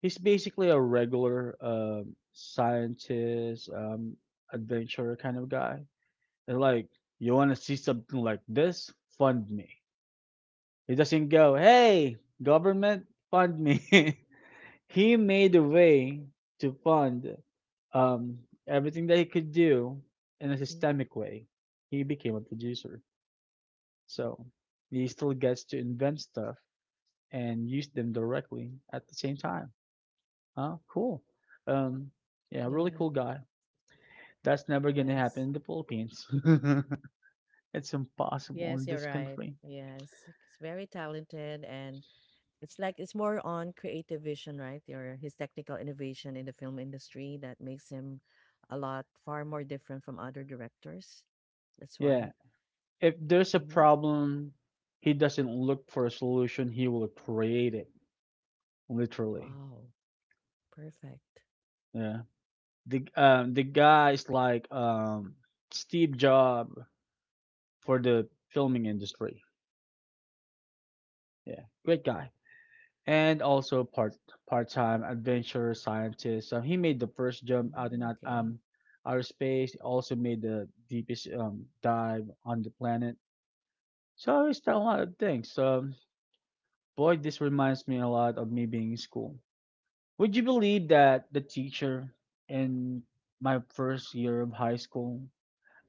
Speaker 1: he's basically a regular scientist, adventurer kind of guy. And like, you wanna see something like this? Fund me. He doesn't go, "Hey, government, fund me." [laughs] He made a way to fund um, everything that he could do in a
Speaker 2: Mm.
Speaker 1: systemic way. He became a producer. So he still gets to invent stuff and use them directly at the same time. Huh? Cool. Um, yeah, really cool
Speaker 2: Yeah.
Speaker 1: guy. That's never going to happen
Speaker 2: Yes.
Speaker 1: in the Philippines. [laughs] It's impossible in
Speaker 2: Yes, you're
Speaker 1: this
Speaker 2: right.
Speaker 1: country.
Speaker 2: Yes. He's very talented. And it's like it's more on creative vision, right? Or his technical innovation in the film industry that makes him a lot far more different from other directors. That's
Speaker 1: Yeah.
Speaker 2: why.
Speaker 1: If there's a
Speaker 2: Hmm.
Speaker 1: problem, he doesn't look for a solution, he will create it, literally.
Speaker 2: Wow, perfect.
Speaker 1: Yeah. The guy is like Steve Jobs for the filming industry. Yeah, great guy. And also part time adventure scientist. So he made the first jump out in
Speaker 2: Mm, okay.
Speaker 1: outer space. He also made the deepest dive on the planet. So he's done a lot of things. So boy, this reminds me a lot of me being in school. Would you believe that the teacher in my first year of high school,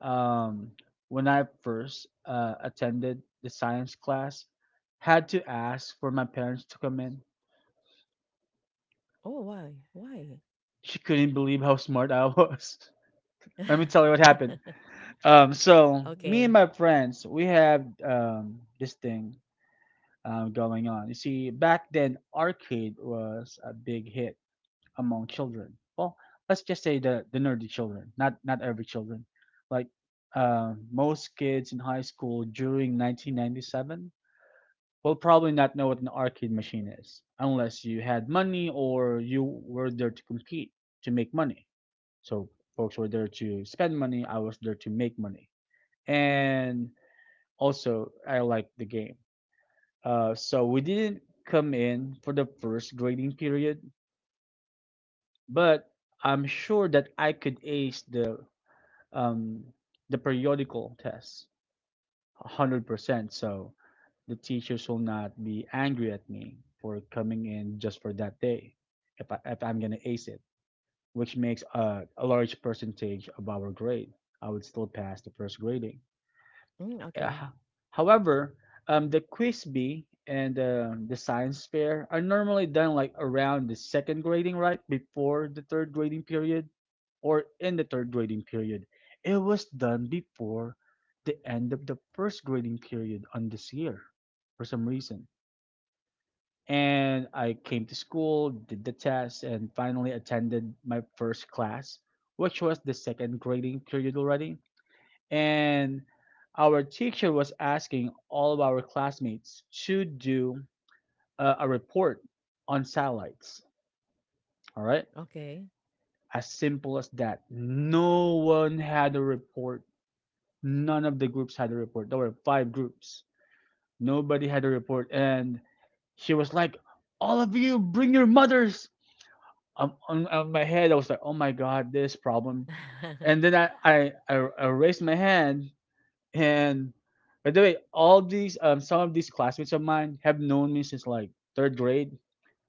Speaker 1: um, when I first attended the science class, had to ask for my parents to come in.
Speaker 2: Oh, why? Why?
Speaker 1: She couldn't believe how smart I was. [laughs] Let me tell you what happened.
Speaker 2: [laughs]
Speaker 1: So me and
Speaker 2: Okay.
Speaker 1: my friends, we have this thing going on. You see, back then, arcade was a big hit among children. Well, let's just say the nerdy children, not every children. Like most kids in high school during 1997 will probably not know what an arcade machine is unless you had money or you were there to compete to make money. So folks were there to spend money. I was there to make money, and also I liked the game. So we didn't come in for the first grading period, but I'm sure that I could ace um, the periodical test 100%. So the teacher shall not be angry at me for coming in just for that day if, if I'm going to ace it, which makes a large percentage of our grade. I would still pass the first grading.
Speaker 2: Mm, okay.
Speaker 1: Uh, However, the quiz bee and the science fair are normally done like around the second grading, right? Before the third grading period or in the third grading period. It was done before the end of the first grading period on this year for some reason, and I came to school, did the test, and finally attended my first class, which was the second grading period already. And our teacher was asking all of our classmates to do a report on satellites. All right,
Speaker 2: Okay.
Speaker 1: as simple as that. No one had a report. None of the groups had a report. There were five groups. Nobody had a report, and she was like, "All of you, bring your mothers." On my head, I was like, oh my God, this problem. And then
Speaker 2: [laughs]
Speaker 1: I raised my hand, and by the way, all these some of these classmates of mine have known me since like third grade,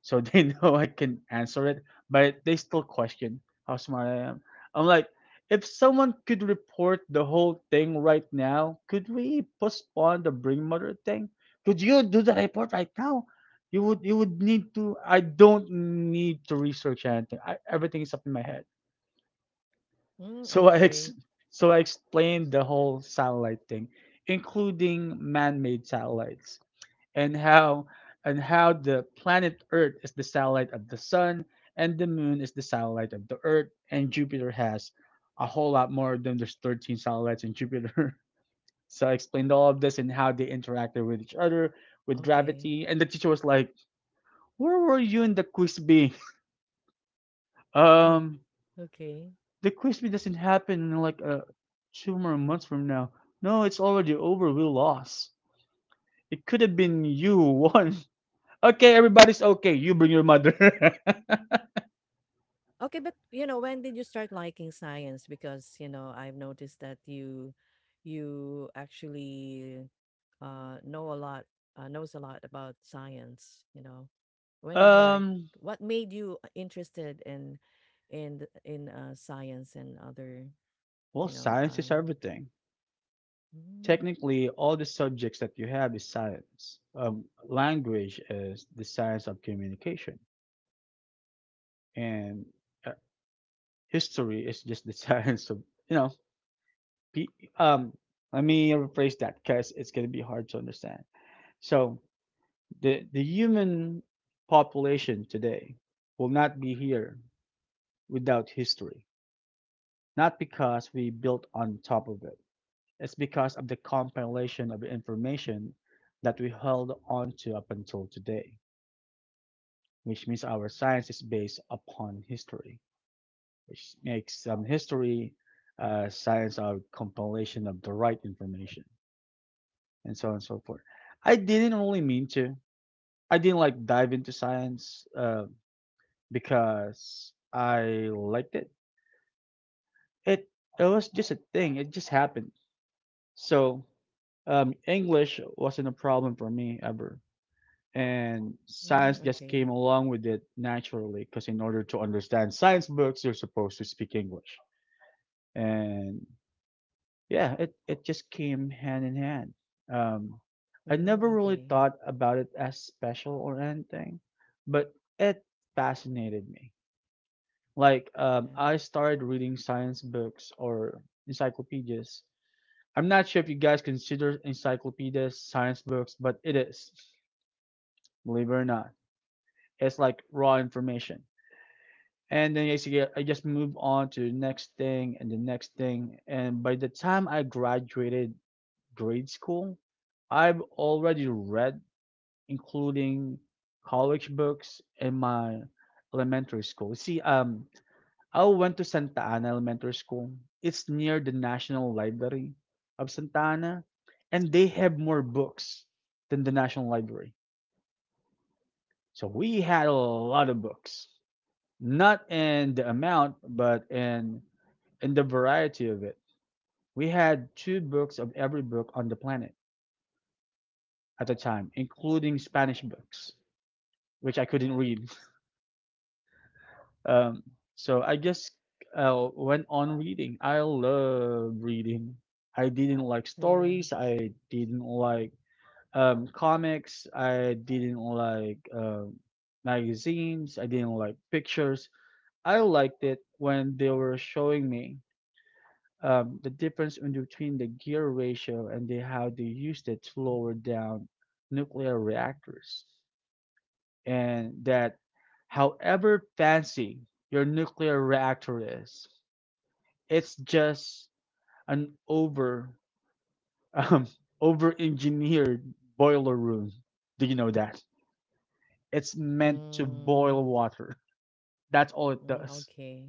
Speaker 1: so they [laughs] know I can answer it, but they still question how smart I am. I'm like, if someone could report the whole thing right now, could we postpone the bring mother thing? Could you do the report right now? You would need to, I don't need to research anything. I, everything is up in my head.
Speaker 2: Mm,
Speaker 1: So
Speaker 2: okay.
Speaker 1: so I explained the whole satellite thing, including man-made satellites, and how the planet Earth is the satellite of the sun, and the moon is the satellite of the Earth, and Jupiter has a whole lot more of them. There's 13 satellites in Jupiter. [laughs] So I explained all of this and how they interacted with each other, with
Speaker 2: Okay.
Speaker 1: gravity, and the teacher was like, "Where were you in the quiz bee?" [laughs] um,
Speaker 2: [sighs] [laughs] Okay.
Speaker 1: The crispy doesn't happen in like two more months from now. No, it's already over. We lost. It could have been you who won. [laughs] Okay, everybody's okay. You bring your mother.
Speaker 2: Okay, but you know, when did you start liking science? Because, you know, I've noticed that you actually know a lot, knows a lot about science, you know. When did you like,
Speaker 1: [laughs] um.
Speaker 2: what made you interested in science and other,
Speaker 1: Well,
Speaker 2: you know,
Speaker 1: science is everything.
Speaker 2: mm,
Speaker 1: Technically, all the subjects that you have is science. Language is the science of communication, and uh, history is just the [laughs] science of you know. Pe- um, Let me rephrase that because it's gonna be hard to understand. So the human population today will not be here without history. Not because we built on top of it, it's because of the compilation of information that we held on to up until today, which means our science is based upon history, which makes history science a compilation of the right information, and so on and so forth. I didn't really mean to. I didn't like dive into science. Because I liked it. It it was just a thing. It just happened. So English wasn't a problem for me ever, and science
Speaker 2: mm,
Speaker 1: just came
Speaker 2: okay.
Speaker 1: along with it naturally. Because in order to understand science books, you're supposed to speak English, and yeah, it just came hand in hand. Um, I
Speaker 2: Mm,
Speaker 1: never really
Speaker 2: okay.
Speaker 1: thought about it as special or anything, but it fascinated me. Like
Speaker 2: Yeah.
Speaker 1: I started reading science books or encyclopedias. I'm not sure if you guys consider encyclopedias science books, but it is, believe it or not. It's like raw information. And then I just move on to the next thing and the next thing. And by the time I graduated grade school, I've already read, including college books in my elementary school. See, I went to Santa Ana Elementary School. It's near the National Library of Santa Ana, and they have more books than the National Library. So we had a lot of books, not in the amount, but in the variety of it. We had two books of every book on the planet at the time, including Spanish books, which I couldn't read. Um, so I just went on reading. I love reading. I didn't like
Speaker 2: Yeah.
Speaker 1: stories. I didn't like comics. I didn't like magazines. I didn't like pictures. I liked it when they were showing me the difference in between the gear ratio and the, how they used it to lower down nuclear reactors, and that however fancy your nuclear reactor is, it's just an um, over engineered boiler room. Do you know that? It's meant to
Speaker 2: Mm,
Speaker 1: boil water. That's all it
Speaker 2: mm,
Speaker 1: does.
Speaker 2: okay.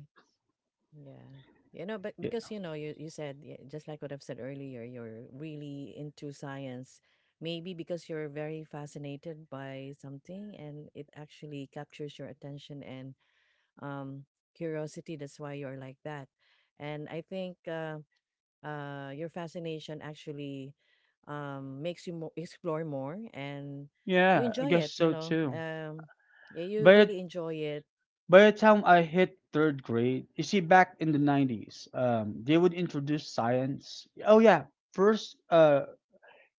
Speaker 2: Yeah. You know, but because
Speaker 1: Yeah.
Speaker 2: you know, you said yeah, just like what I've said earlier, you're really into science. Maybe because you're very fascinated by something and it actually captures your attention and um curiosity. That's why you're like that. And I think your fascination actually makes you explore more, and you
Speaker 1: Yeah, I
Speaker 2: enjoy
Speaker 1: guess
Speaker 2: it, you
Speaker 1: so
Speaker 2: know.
Speaker 1: too.
Speaker 2: Um, yeah, you
Speaker 1: By the,
Speaker 2: really enjoy it.
Speaker 1: by the time I hit third grade, you see, back in the 90s, they would introduce science. Oh, yeah. First,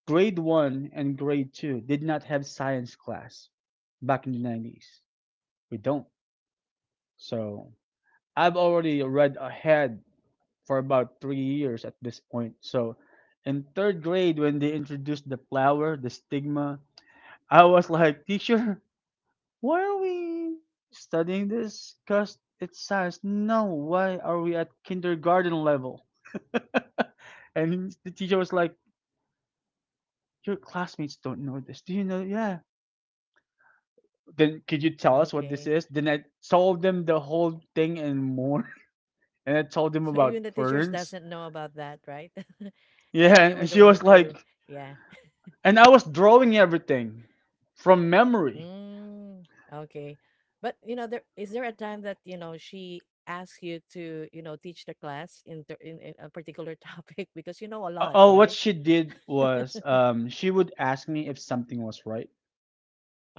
Speaker 1: Grade 1 and grade 2 did not have science class back in the 90s. We don't. So I've already read ahead for about 3 years at this point. So in third grade, when they introduced the flower, the stigma, I was like, teacher, why are we studying this? Because it's science. No, why are we at kindergarten level? [laughs] And the teacher was like, your classmates don't know this. Do you know? Yeah, then could you tell us what this
Speaker 2: Okay.
Speaker 1: is? Then I told them the whole thing and more. [laughs] And I told them
Speaker 2: So
Speaker 1: about
Speaker 2: even the teachers
Speaker 1: ferns.
Speaker 2: doesn't know about that, right? [laughs]
Speaker 1: Yeah,
Speaker 2: And you were
Speaker 1: and
Speaker 2: the
Speaker 1: she was
Speaker 2: one
Speaker 1: like,
Speaker 2: to, yeah.
Speaker 1: and I was drawing everything from memory.
Speaker 2: Mm, okay. But you know, there is there a time that you know she asks you to you know teach the class in in a particular topic [laughs] because you know a lot,
Speaker 1: Oh, what
Speaker 2: right?
Speaker 1: she did
Speaker 2: [laughs]
Speaker 1: was she would ask me if something was right.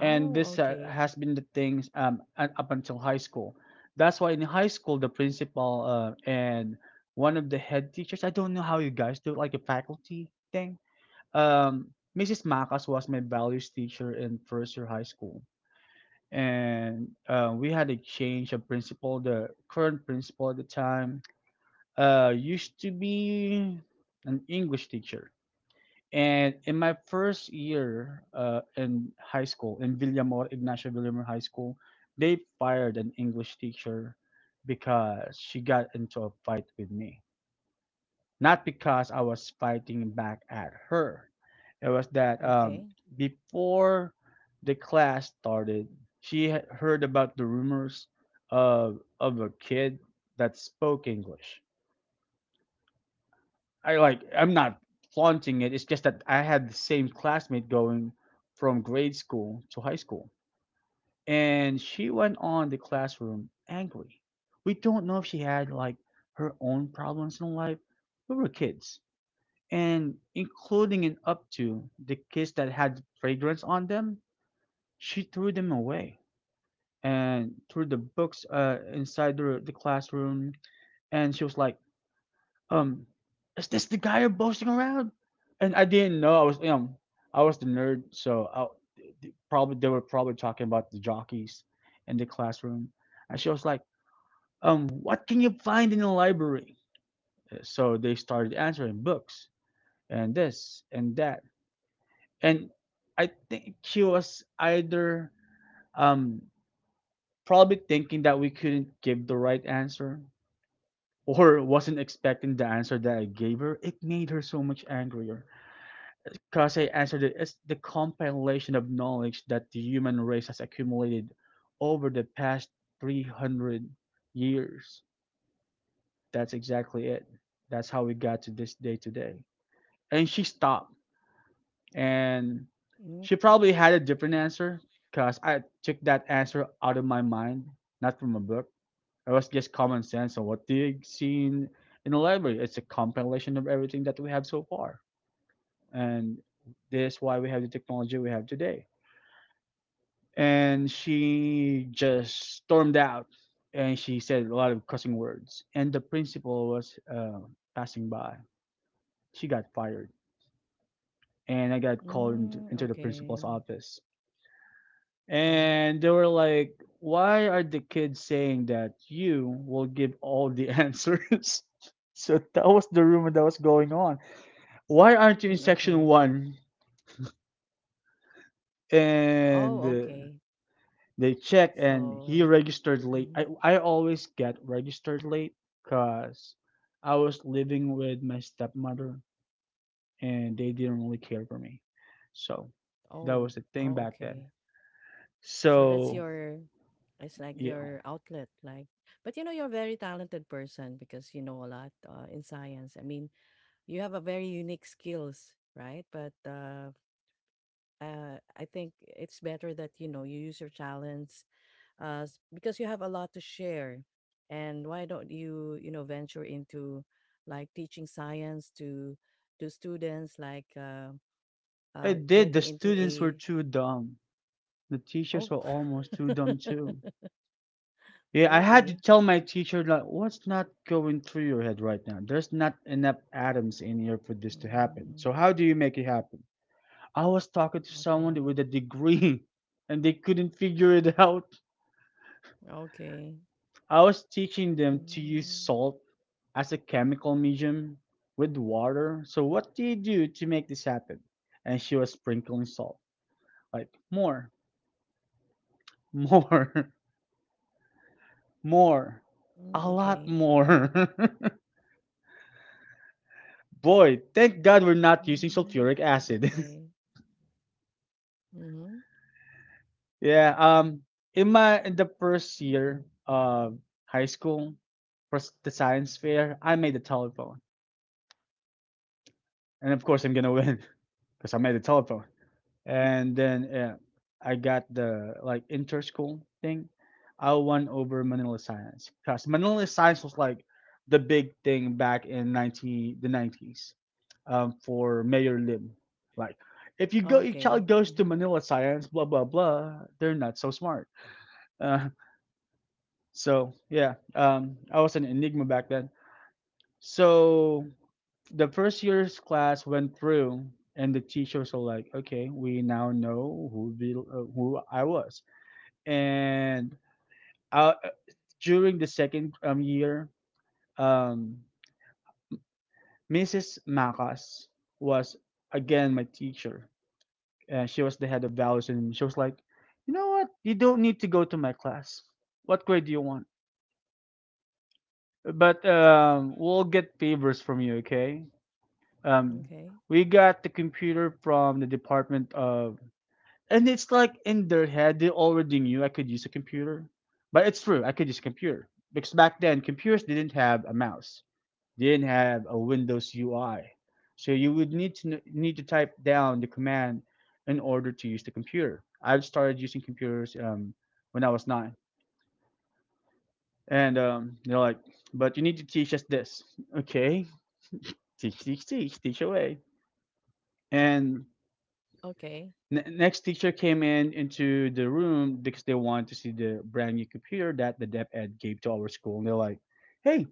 Speaker 1: And this
Speaker 2: okay,
Speaker 1: has been the things up until high school. That's why in high school, the principal and one of the head teachers, I don't know how you guys do it, like a faculty thing, Um, Mrs. Macas was my values teacher in first year high school, and we had a change of principal. The current principal at the time used to be an English teacher, and in my first year in high school in Villamor Ignacio Villamor High School, they fired an English teacher because she got into a fight with me, not because I was fighting back at her. It was that
Speaker 2: okay.
Speaker 1: before the class started, she had heard about the rumors of a kid that spoke English. I'm not flaunting it. It's just that I had the same classmate going from grade school to high school, and she went on the classroom angry. We don't know if she had like her own problems in life. We were kids and including and up to the kits that had fragrance on them, she threw them away and threw the books inside the classroom. And she was like, um, is this the guy you're boasting around? And I didn't know. I was, I was the nerd, so I, probably they were probably talking about the jockeys in the classroom. And she was like, what can you find in the library? So they started answering books and this and that and I think she was either um, probably thinking that we couldn't give the right answer or wasn't expecting the answer that I gave her. It made her so much angrier because I answered it as the compilation of knowledge that the human race has accumulated over the past 300 years. That's exactly it. That's how we got to this day today. And she stopped and
Speaker 2: Mm,
Speaker 1: she probably had a different
Speaker 2: okay,
Speaker 1: answer because I took that answer out of my mind, not from a book. It was just common sense on what they've seen in the library. It's a compilation of everything that we have so far, and this is why we have the technology we have today. And she just stormed out, and she said a lot of cussing words. And the principal was passing by. She got fired, and I got called into,
Speaker 2: mm,
Speaker 1: into the principal's
Speaker 2: okay,
Speaker 1: office,
Speaker 2: yeah.
Speaker 1: and they were like, "Why are the kids saying that you will give all the [laughs] answers?" So that was the rumor that was going on. Why aren't you in
Speaker 2: Mm,
Speaker 1: section
Speaker 2: okay.
Speaker 1: one?
Speaker 2: Oh,
Speaker 1: And
Speaker 2: okay.
Speaker 1: they check, and he
Speaker 2: So,
Speaker 1: registered late. I
Speaker 2: mhm.
Speaker 1: I always get registered late because I was living with my stepmother, and they didn't really care for me. So that
Speaker 2: Oh,
Speaker 1: was the thing
Speaker 2: oh,
Speaker 1: back then.
Speaker 2: okay. So that's
Speaker 1: So
Speaker 2: your, it's like
Speaker 1: yeah,
Speaker 2: your outlet like, but you know you're a very talented person because you know a lot, in science. I mean, you have a very unique skills, right? But I think it's better that you know you use your talents because you have a lot to share. And why don't you, you know, venture into like teaching science to students like
Speaker 1: I did. The
Speaker 2: getting into
Speaker 1: students were
Speaker 2: a,
Speaker 1: too dumb. The teachers
Speaker 2: oh,
Speaker 1: were almost too dumb too.
Speaker 2: [laughs]
Speaker 1: Yeah, I had to
Speaker 2: really?
Speaker 1: tell my teacher like, what's not going through your head right now? There's not enough atoms in here for this to happen. So
Speaker 2: Mm.
Speaker 1: how do you make it happen? I was talking to someone
Speaker 2: Okay.
Speaker 1: with a degree, [laughs] and they couldn't figure it out.
Speaker 2: Okay.
Speaker 1: I was teaching them to use
Speaker 2: Mm,
Speaker 1: salt as a chemical medium with water. So what do you do to make this happen? And she was sprinkling salt, like more, more, [laughs] more,
Speaker 2: mm,
Speaker 1: a lot
Speaker 2: okay.
Speaker 1: more. [laughs] Boy, thank God we're not using
Speaker 2: Mm,
Speaker 1: sulfuric acid.
Speaker 2: okay. Mm-hmm.
Speaker 1: [laughs] Yeah. In the first year of high school, for the science fair, I made the telephone, and of course I'm gonna win [laughs] because I made the telephone. And then I got the like inter-school thing. I won over Manila Science because Manila Science was like the big thing back in ninety the 90s for Mayor Lim. Like, if you go, your
Speaker 2: Okay.
Speaker 1: child goes to
Speaker 2: Mm-hmm.
Speaker 1: Manila Science, blah blah blah, they're not so smart. [laughs] Uh, so yeah, I was an enigma back then. So the first year's class went through, and the teachers were like, "Okay, we now know who who I was." And uh, during the second year, um, Mrs. Makas was again my teacher, and she was the head of values, and she was like, "You know what? You don't need to go to my class. What grade do you want? But we'll get favors from you, okay? Um,
Speaker 2: Okay.
Speaker 1: we got the computer from the Department of," and it's like in their head they already knew I could use a computer, but it's true I could use a computer because back then computers didn't have a mouse, they didn't have a Windows UI, so you would need to need to type down the command in order to use the computer. I've started using computers when I was nine, and they're like, but you need to teach us this, okay? Teach, teach, teach, teach away, and
Speaker 2: Okay.
Speaker 1: Next teacher came in into the room because they wanted to see the brand new computer that the Dep Ed gave to our school, and they're like, "Hey."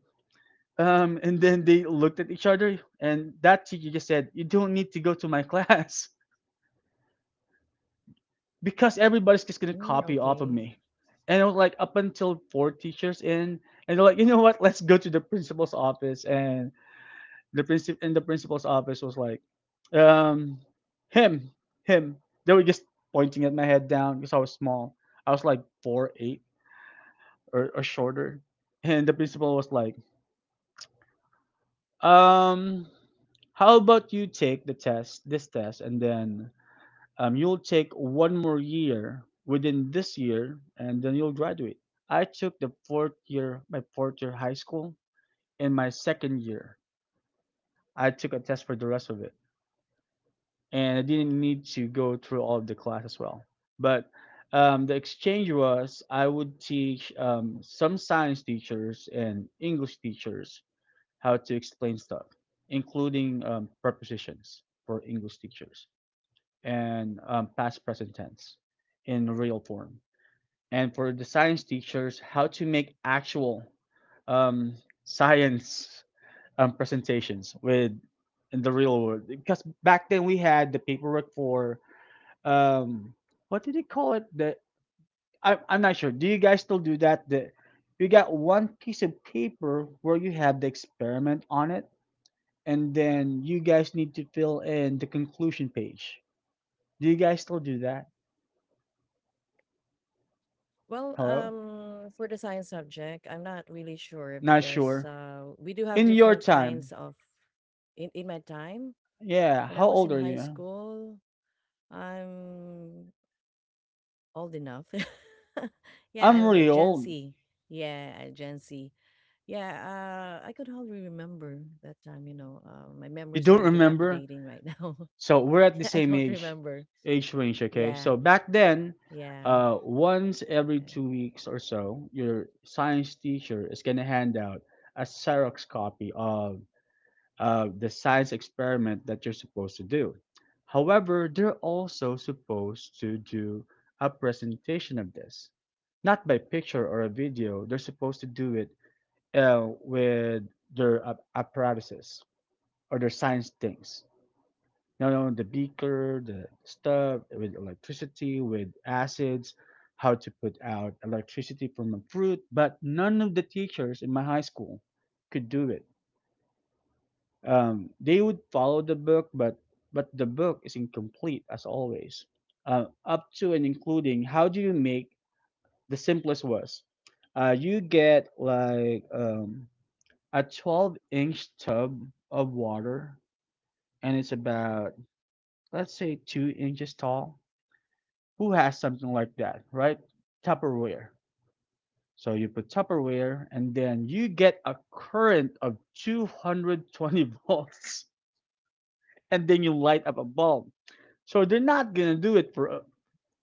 Speaker 1: And then they looked at each other, and that teacher just said, "You don't need to go to my [laughs] class because everybody's just gonna
Speaker 2: Mm,
Speaker 1: copy off of
Speaker 2: okay.
Speaker 1: me." And it was like up until four teachers in, and they're like, "You know what? Let's go to the principal's office." And the principal in the principal's office was like, um, him, him. They were just pointing at my head down because I was small. I was like 4'8" or shorter, and the principal was like, um, how about you take the test, this test, and then you'll take one more year within this year, and then you'll graduate. I took the fourth year, my fourth year high school, and my second year, I took a test for the rest of it, and I didn't need to go through all of the class as well. But the exchange was I would teach some science teachers and English teachers how to explain stuff, including prepositions for English teachers and past present tense in real form. And for the science teachers, how to make actual um, science presentations with in the real world because back then we had the paperwork for um what did they call it, the I'm not sure, do you guys still do that, the you got one piece of paper where you have the experiment on it and then you guys need to fill in the conclusion page, do you guys still do that?
Speaker 2: Well,
Speaker 1: Hello?
Speaker 2: for the science subject, I'm not really sure
Speaker 1: Not
Speaker 2: because
Speaker 1: sure
Speaker 2: we do have
Speaker 1: in your
Speaker 2: different
Speaker 1: time?
Speaker 2: kinds of, in my time
Speaker 1: Yeah,
Speaker 2: when
Speaker 1: how
Speaker 2: I was
Speaker 1: old
Speaker 2: in
Speaker 1: are
Speaker 2: high
Speaker 1: you?
Speaker 2: school, I'm old enough. [laughs] Yeah,
Speaker 1: I'm
Speaker 2: I'm the
Speaker 1: really
Speaker 2: Gen
Speaker 1: old.
Speaker 2: Z. Yeah, Gen Z. Yeah, I could hardly remember that time, you know. My
Speaker 1: You
Speaker 2: memories
Speaker 1: don't
Speaker 2: are
Speaker 1: remember?
Speaker 2: dilapidating right now.
Speaker 1: So we're at the
Speaker 2: [laughs] I
Speaker 1: same
Speaker 2: don't
Speaker 1: age
Speaker 2: remember.
Speaker 1: age range, okay?
Speaker 2: Yeah,
Speaker 1: So back then,
Speaker 2: yeah.
Speaker 1: once every
Speaker 2: Okay.
Speaker 1: 2 weeks or so, your science teacher is gonna hand out a Xerox copy of the science experiment that you're supposed to do. However, they're also supposed to do a presentation of this, not by picture or a video. They're supposed to do it with their apparatuses or their science things. You know, the beaker, the stuff with electricity, with acids, how to put out electricity from a fruit. But none of the teachers in my high school could do it. They would follow the book, but the book is incomplete as always. Up to and including, how do you make the simplest was? You get like a 12-inch tub of water, and it's about, let's say, 2 inches tall. Who has something like that, right? Tupperware. So you put Tupperware and then you get a current of 220 [laughs] volts and then you light up a bulb. So they're not going to do it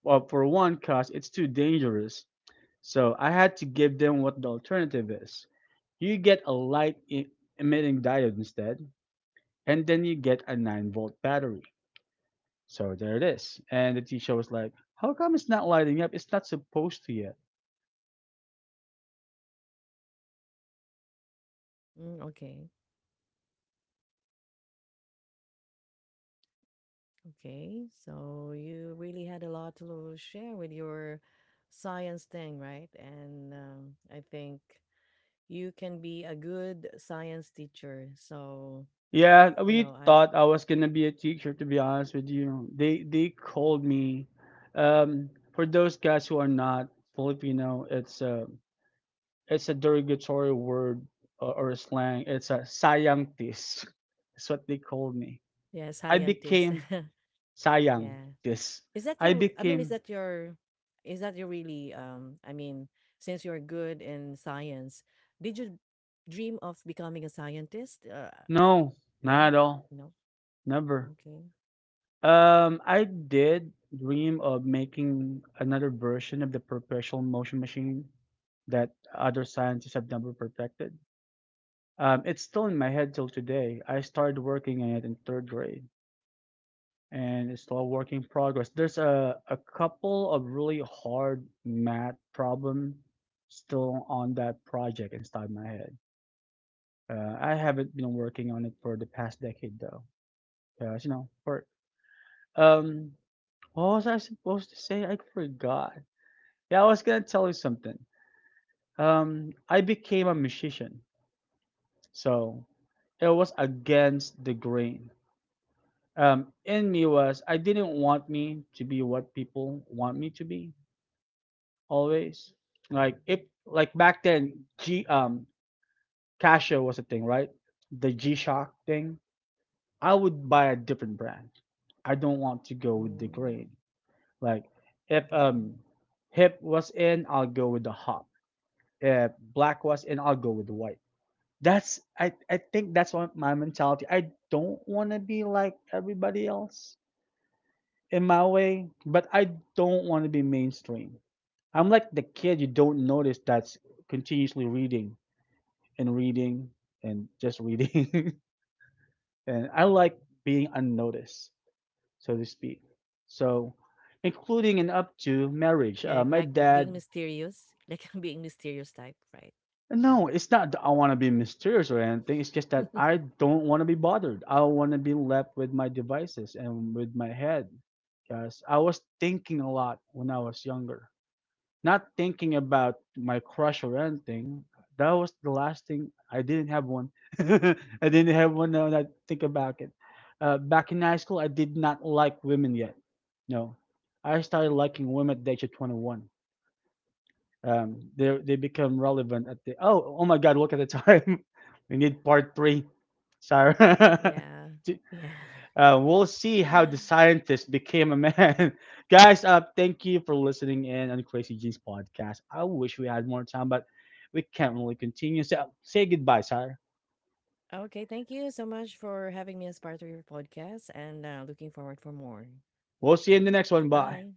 Speaker 1: for one, cause it's too dangerous. So I had to give them what the alternative is. You get a emitting diode instead and then you get a 9-volt battery. So there it is. And the teacher was like, "How come it's not lighting up? It's not supposed to yet."
Speaker 2: Mm, okay. Okay. So you really had a lot to share with your science thing, right? And I think you can be a good science teacher. So if,
Speaker 1: Yeah,
Speaker 2: you know,
Speaker 1: we
Speaker 2: I,
Speaker 1: thought I was gonna be a teacher, to be honest with you. They called me. Um, for those guys who are not Filipino, it's a derogatory word or a slang. It's a sayangtis. [laughs] That's what they called me.
Speaker 2: yeah,
Speaker 1: I
Speaker 2: scientist.
Speaker 1: became
Speaker 2: [laughs] Yeah.
Speaker 1: sayangtis.
Speaker 2: Is that
Speaker 1: I
Speaker 2: your, I mean, is
Speaker 1: became
Speaker 2: that your, is that your really, um, I mean, since you're good in science, did you dream of becoming a scientist?
Speaker 1: no,
Speaker 2: Yeah?
Speaker 1: not at all,
Speaker 2: No?
Speaker 1: never.
Speaker 2: Okay.
Speaker 1: I did dream of making another version of the perpetual motion machine that other scientists have never perfected. It's still in my head till today. I started working on it in third grade, and it's still a work in progress. There's a couple of really hard math problem still on that project inside my head. I haven't been working on it for the past decade though, because you know, for um, what was I supposed to say? I forgot. Yeah, I was gonna tell you something. I became a musician, so it was against the grain. In me was I didn't want me to be what people want me to be always. Like if like back then, G Casio was a thing, right? The G Shock thing. I would buy a different brand. I don't want to go with the
Speaker 2: Mm,
Speaker 1: grain. Like if
Speaker 2: okay.
Speaker 1: um hip was in, I'll go with the hop. If black was in, I'll go with white. That's I think that's what my mentality. I don't want to be like everybody else in my way, but I don't want to be mainstream. I'm like the kid you don't notice that's continuously reading and reading and just reading. [laughs] And I like being unnoticed, so to speak. So, including and up to marriage.
Speaker 2: Yeah,
Speaker 1: My
Speaker 2: like being
Speaker 1: dad.
Speaker 2: mysterious, [laughs] like being mysterious type, right? Yeah.
Speaker 1: No, it's not that I want to be mysterious or anything. It's just that I don't want to be bothered. I don't want to be left with my devices and with my head. Because I was thinking a lot when I was younger. Not thinking about my crush or anything. That was the last thing. I didn't have one. [laughs] I didn't have one now that I think about it. Back in high school, I did not like women yet. No. I started liking women at the age of 21 they become relevant at the oh oh my god, look at the time. [laughs] We need part three, Sarah. [laughs]
Speaker 2: Yeah. Yeah.
Speaker 1: We'll see how the
Speaker 2: [laughs]
Speaker 1: scientist became a man. [laughs] Guys, thank you for listening in on Crazy Genes podcast. I wish we had more time, but we can't really continue, so say goodbye sir.
Speaker 2: Okay, thank you so much for having me as part of your podcast and looking forward for more.
Speaker 1: We'll see you in the
Speaker 2: Okay,
Speaker 1: next one. Bye.
Speaker 2: goodbye.